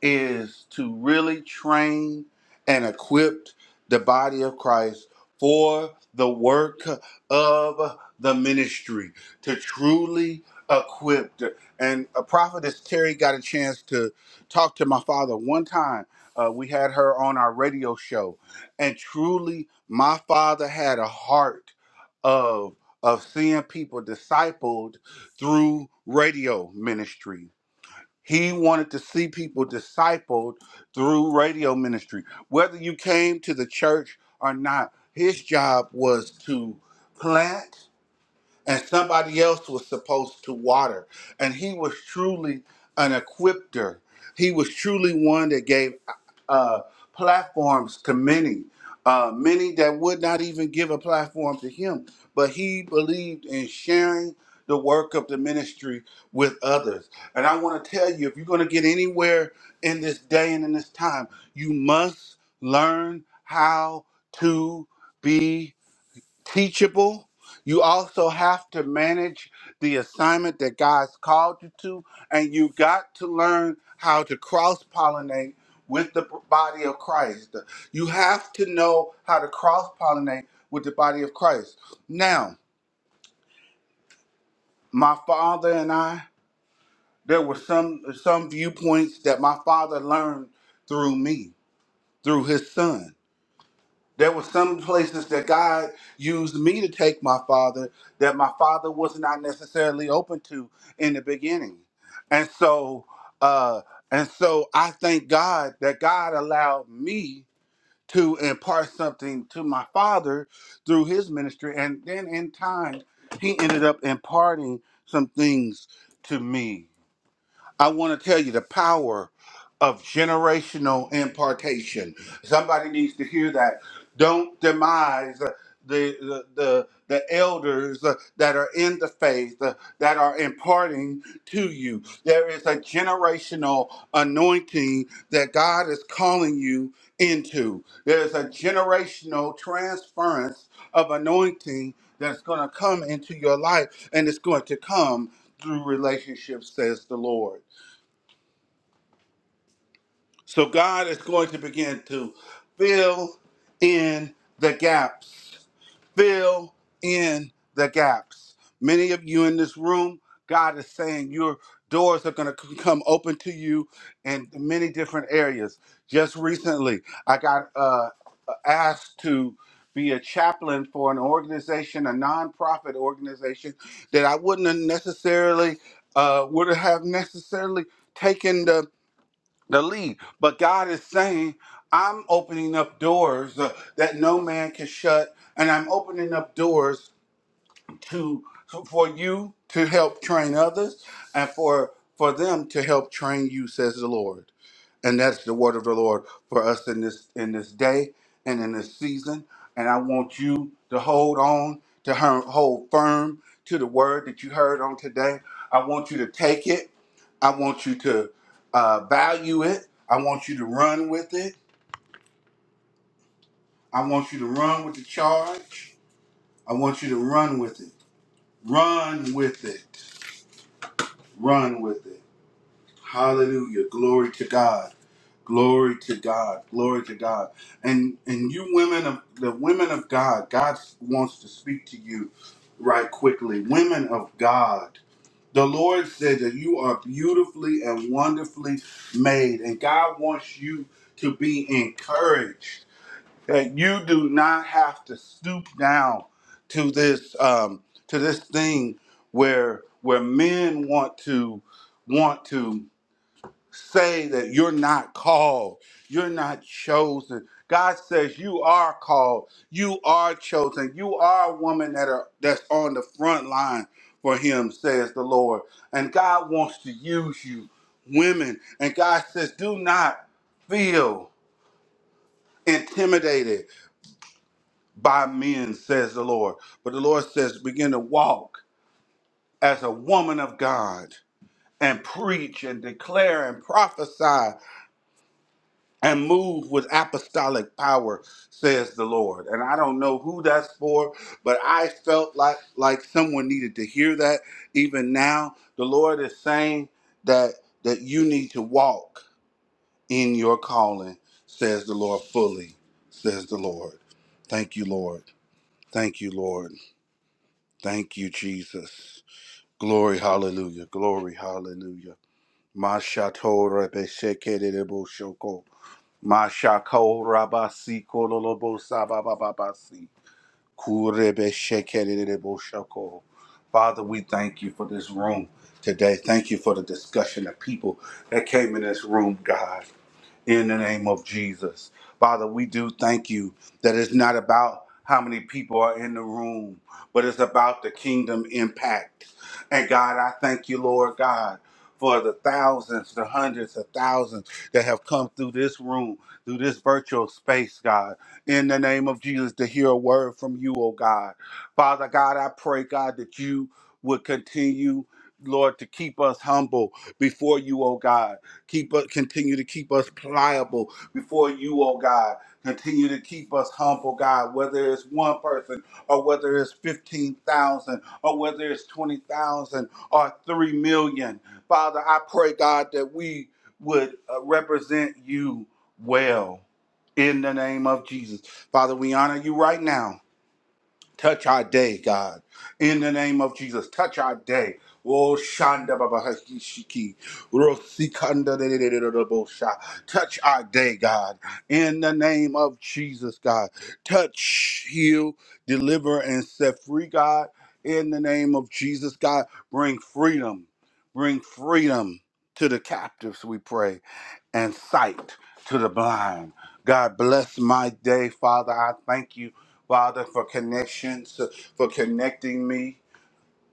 A: is to really train and equip the body of Christ for the work of the ministry to truly equip. and a prophetess terry got a chance to talk to my father one time uh, we had her on our radio show and truly my father had a heart of of seeing people discipled through radio ministry he wanted to see people discipled through radio ministry. Whether you came to the church or not, his job was to plant and somebody else was supposed to water. And he was truly an equipter. He was truly one that gave uh, platforms to many, uh, many that would not even give a platform to him. But he believed in sharing the work of the ministry with others. And I want to tell you if you're going to get anywhere in this day and in this time, you must learn how to. be teachable. You also have to manage the assignment that God's called you to, and you got to learn how to cross pollinate with the body of Christ. You have to know how to cross pollinate with the body of Christ. Now, my father and I, there were some some viewpoints that my father learned through me, through his son. There were some places that God used me to take my father that my father was not necessarily open to in the beginning. And so uh and so I thank God that God allowed me to impart something to my father through his ministry and then in time he ended up imparting some things to me I want to tell you the power of generational impartation. Somebody needs to hear that. Don't demise uh, the the the, the elders uh, that are in the faith uh, that are imparting to you. There is a generational anointing that God is calling you into. There is a generational transference of anointing that's going to come into your life and it's going to come through relationships says the Lord. So God is going to begin to fill in the gaps fill in the gaps. Many of you in this room, God is saying your doors are going to come open to you in many different areas. Just recently, I got uh, uh, asked to be a chaplain for an organization, a nonprofit organization that I wouldn't have necessarily uh, would have necessarily taken the the lead. But God is saying, I'm opening up doors uh, that no man can shut, and I'm opening up doors to for you to help train others and for for them to help train you, says the Lord. And that's the word of the Lord for us in this in this day and in this season. And I want you to hold on to her, hold firm to the word that you heard on today. I want you to take it. I want you to uh, value it. I want you to run with it. I want you to run with the charge. I want you to run with it. Run with it. Run with it. Hallelujah. Glory to God. Glory to God. Glory to God. And and you women of the women of God, God wants to speak to you right quickly. Women of God. The Lord said that you are beautifully and wonderfully made, and God wants you to be encouraged. That you do not have to stoop down to this um, to this thing where where men want to want to say that you're not called, you're not chosen. God says you are called, you are chosen, you are a woman that are that's on the front line for Him, says the Lord. And God wants to use you, women. And God says, do not feel intimidated by men, says the Lord. But the Lord says, begin to walk as a woman of God and preach and declare and prophesy. and move with apostolic power says the lord and i don't know who that's for but i felt like like someone needed to hear that even now the lord is saying that that you need to walk in your calling says the lord fully says the lord thank you lord thank you lord thank you jesus glory hallelujah glory hallelujah Mashato Mashako Rabasi Kololobo Sabababasi Kurebe Shekerebo Shako. Father, we thank you for this room today. Thank you for the discussion of people that came in this room, God in the name of Jesus. Father, we do thank you that it's not about how many people are in the room, but it's about the kingdom impact. And God, I thank you, Lord God, for the thousands, the hundreds of thousands that have come through this room, through this virtual space, God, in the name of Jesus, to hear a word from you, oh God. Father God, I pray, God, that you would continue, Lord, to keep us humble before you, oh God Keep us continue to keep us pliable before you, oh God. Continue to keep us humble, God, whether it's one person or whether it's 15,000 or whether it's 20,000 or 3 million. Father, I pray, God, that we would uh, represent you well in the name of Jesus. Father, we honor you right now. Touch our day, God. In the name of Jesus, touch our day. Oh, Shanda Baba Hakishiki. Rosikanda de- de- de- de- de- de- Bosha. Touch our day, God. In the name of Jesus, God. Touch, heal, deliver, and set free, God. In the name of Jesus, God. Bring freedom. Bring freedom to the captives, we pray and sight to the blind. God bless my day, Father. I thank you Father, for connections, for connecting me.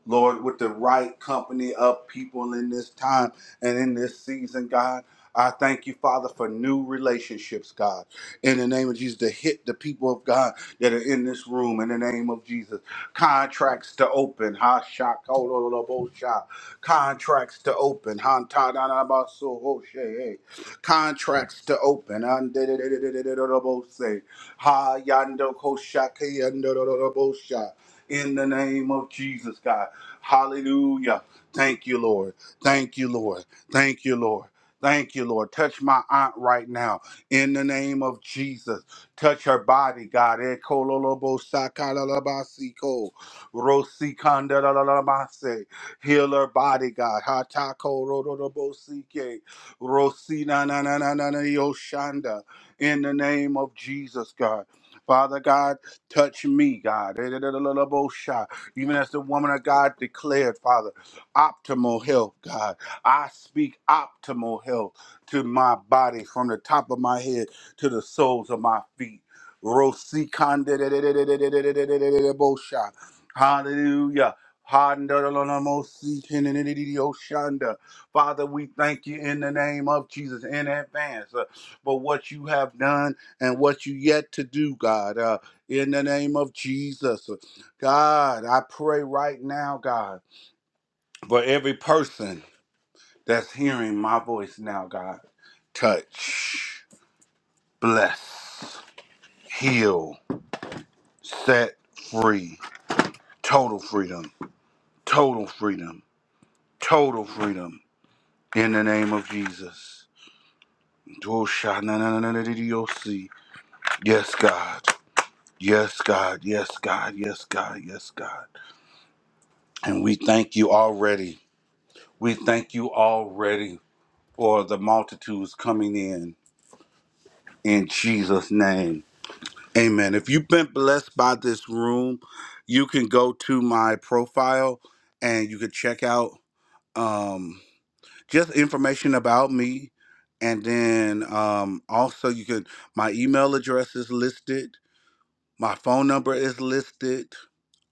A: Lord, with the right company of people in this time and in this season, God. I thank you, Father, for new relationships, God. In the name of Jesus, to hit the people of God that are in this room, in the name of Jesus. Contracts to open, ha shak, contracts to open, ha ta da da ba so ho she eh. contracts to open, un- da- da- da- da- da- da- da- da- bo- say. ha yando ko shak, yando da- da- da- bo- sha in the name of Jesus, God. Hallelujah. Thank you, Lord. Thank you, Lord. Thank you, Lord. Thank you, Lord. Touch my aunt right now in the name of Jesus. Touch her body, God. Ekololobo sakalalabasiko, rosikandalalabase. Heal her body, God. Hatako rododobosike, rosinananananayoshanda. In the name of Jesus, God. Father God, Touch me, God. Even as the woman of God declared, Father, optimal health, God. I speak optimal health to my body from the top of my head to the soles of my feet. Rosikande. Hallelujah. Handalalamosi-tenenenenidioshanda. Father, we thank you in the name of Jesus in advance uh, for what you have done and what you yet to do, God. Uh, in the name of Jesus. God, I pray right now, God, for every person that's hearing my voice now, God. Touch, bless, heal, set free, total freedom, total freedom, total freedom in the name of Jesus. Dosha-na-na-na-na-na-na-na-na-na-na-na-na-na-na. Yes, God. Yes, God. Yes, God. Yes, God. Yes, God. And we thank you already. We thank you already. or the multitudes coming in in Jesus' name. Amen. If you've been blessed by this room, you can go to my profile and you can check out um, just information about me. And then um, also, you can, my email address is listed, my phone number is listed.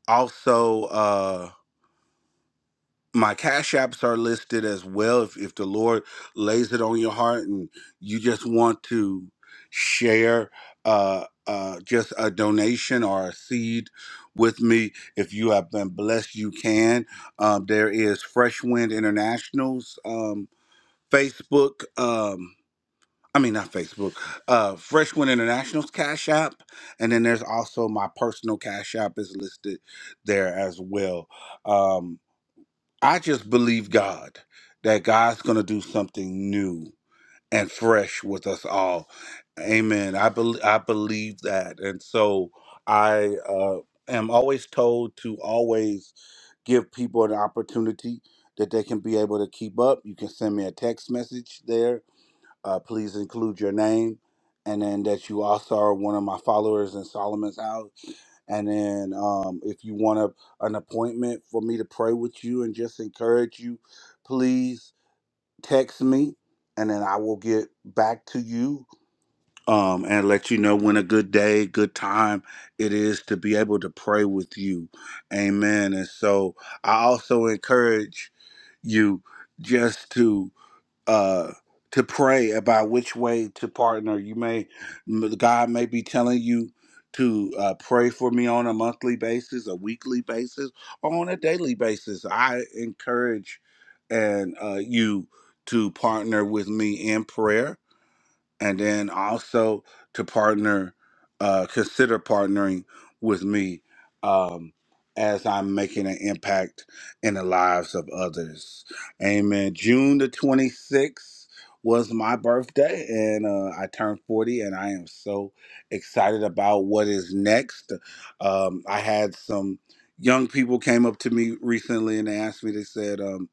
A: Also, uh, my cash apps are listed as well if, if the lord lays it on your heart and you just want to share uh, uh, just a donation or a seed with me if you have been blessed you can um, there is fresh wind internationals um, facebook um, i mean not facebook uh, fresh wind internationals cash app and then there's also my personal cash app is listed there as well Um, I just believe God that God's going to do something new and fresh with us all. Amen. I believe I believe that, and so I uh, am always told to always give people an opportunity that they can be able to keep up. You can send me a text message there uh, please include your name and then that you also are one of my followers in Solomon's house. And then um, if you want a, an appointment for me to pray with you and just encourage you, please text me and then I will get back to you um, and let you know when a good day, good time it is to be able to pray with you. Amen. And so I also encourage you just to uh to pray about which way to partner you may god may be telling you to uh, pray for me on a monthly basis a weekly basis or on a daily basis i encourage and uh, you to partner with me in prayer and then also to partner, uh, consider partnering with me um, as I'm making an impact in the lives of others. Amen. June the 26th was my birthday, and uh, I turned 40, and I am so excited about what is next. Um, I had some young people came up to me recently and they asked me, they said, um,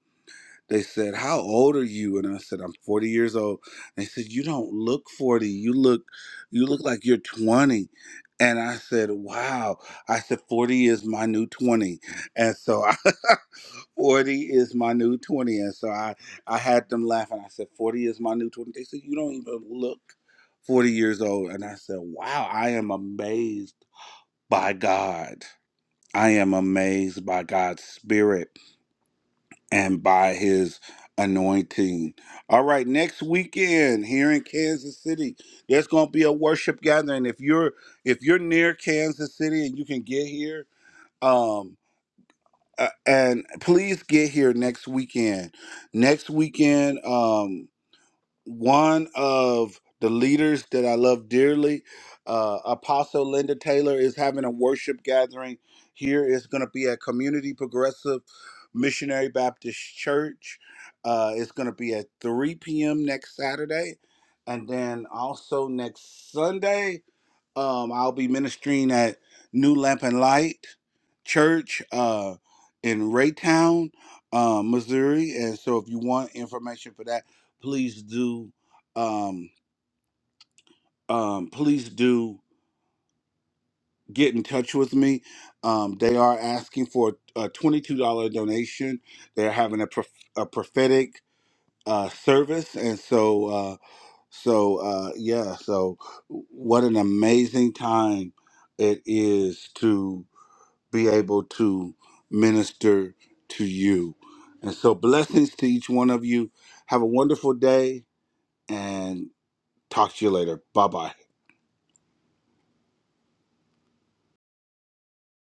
A: they said, How old are you? And I said, I'm 40 years old. They said, You don't look 40. You look you look like you're 20. And I said, Wow. I said, 40 is my new 20. And so I 40 is my new 20. And so I, I had them laughing. I said, 40 is my new 20. They said, You don't even look 40 years old. And I said, Wow, I am amazed by God. I am amazed by God's spirit and by his anointing. All right, next weekend here in Kansas City, there's going to be a worship gathering. If you're if you're near Kansas City and you can get here, um uh, and please get here next weekend. Next weekend um one of the leaders that I love dearly, uh, Apostle Linda Taylor, is having a worship gathering here. It's going to be at Community Progressive Missionary Baptist Church. Uh, it's going to be at 3 p.m. next Saturday. And then also next Sunday, um, I'll be ministering at New Lamp and Light Church uh, in Raytown, uh, Missouri. And so, if you want information for that, please do. Um, um, please do get in touch with me. Um, they are asking for a twenty-two dollar donation. They're having a, prof- a prophetic uh, service, and so uh, so uh, yeah. So, what an amazing time it is be able to minister to you. And so, blessings to each one of you. Have a wonderful day and talk to you later. Bye bye.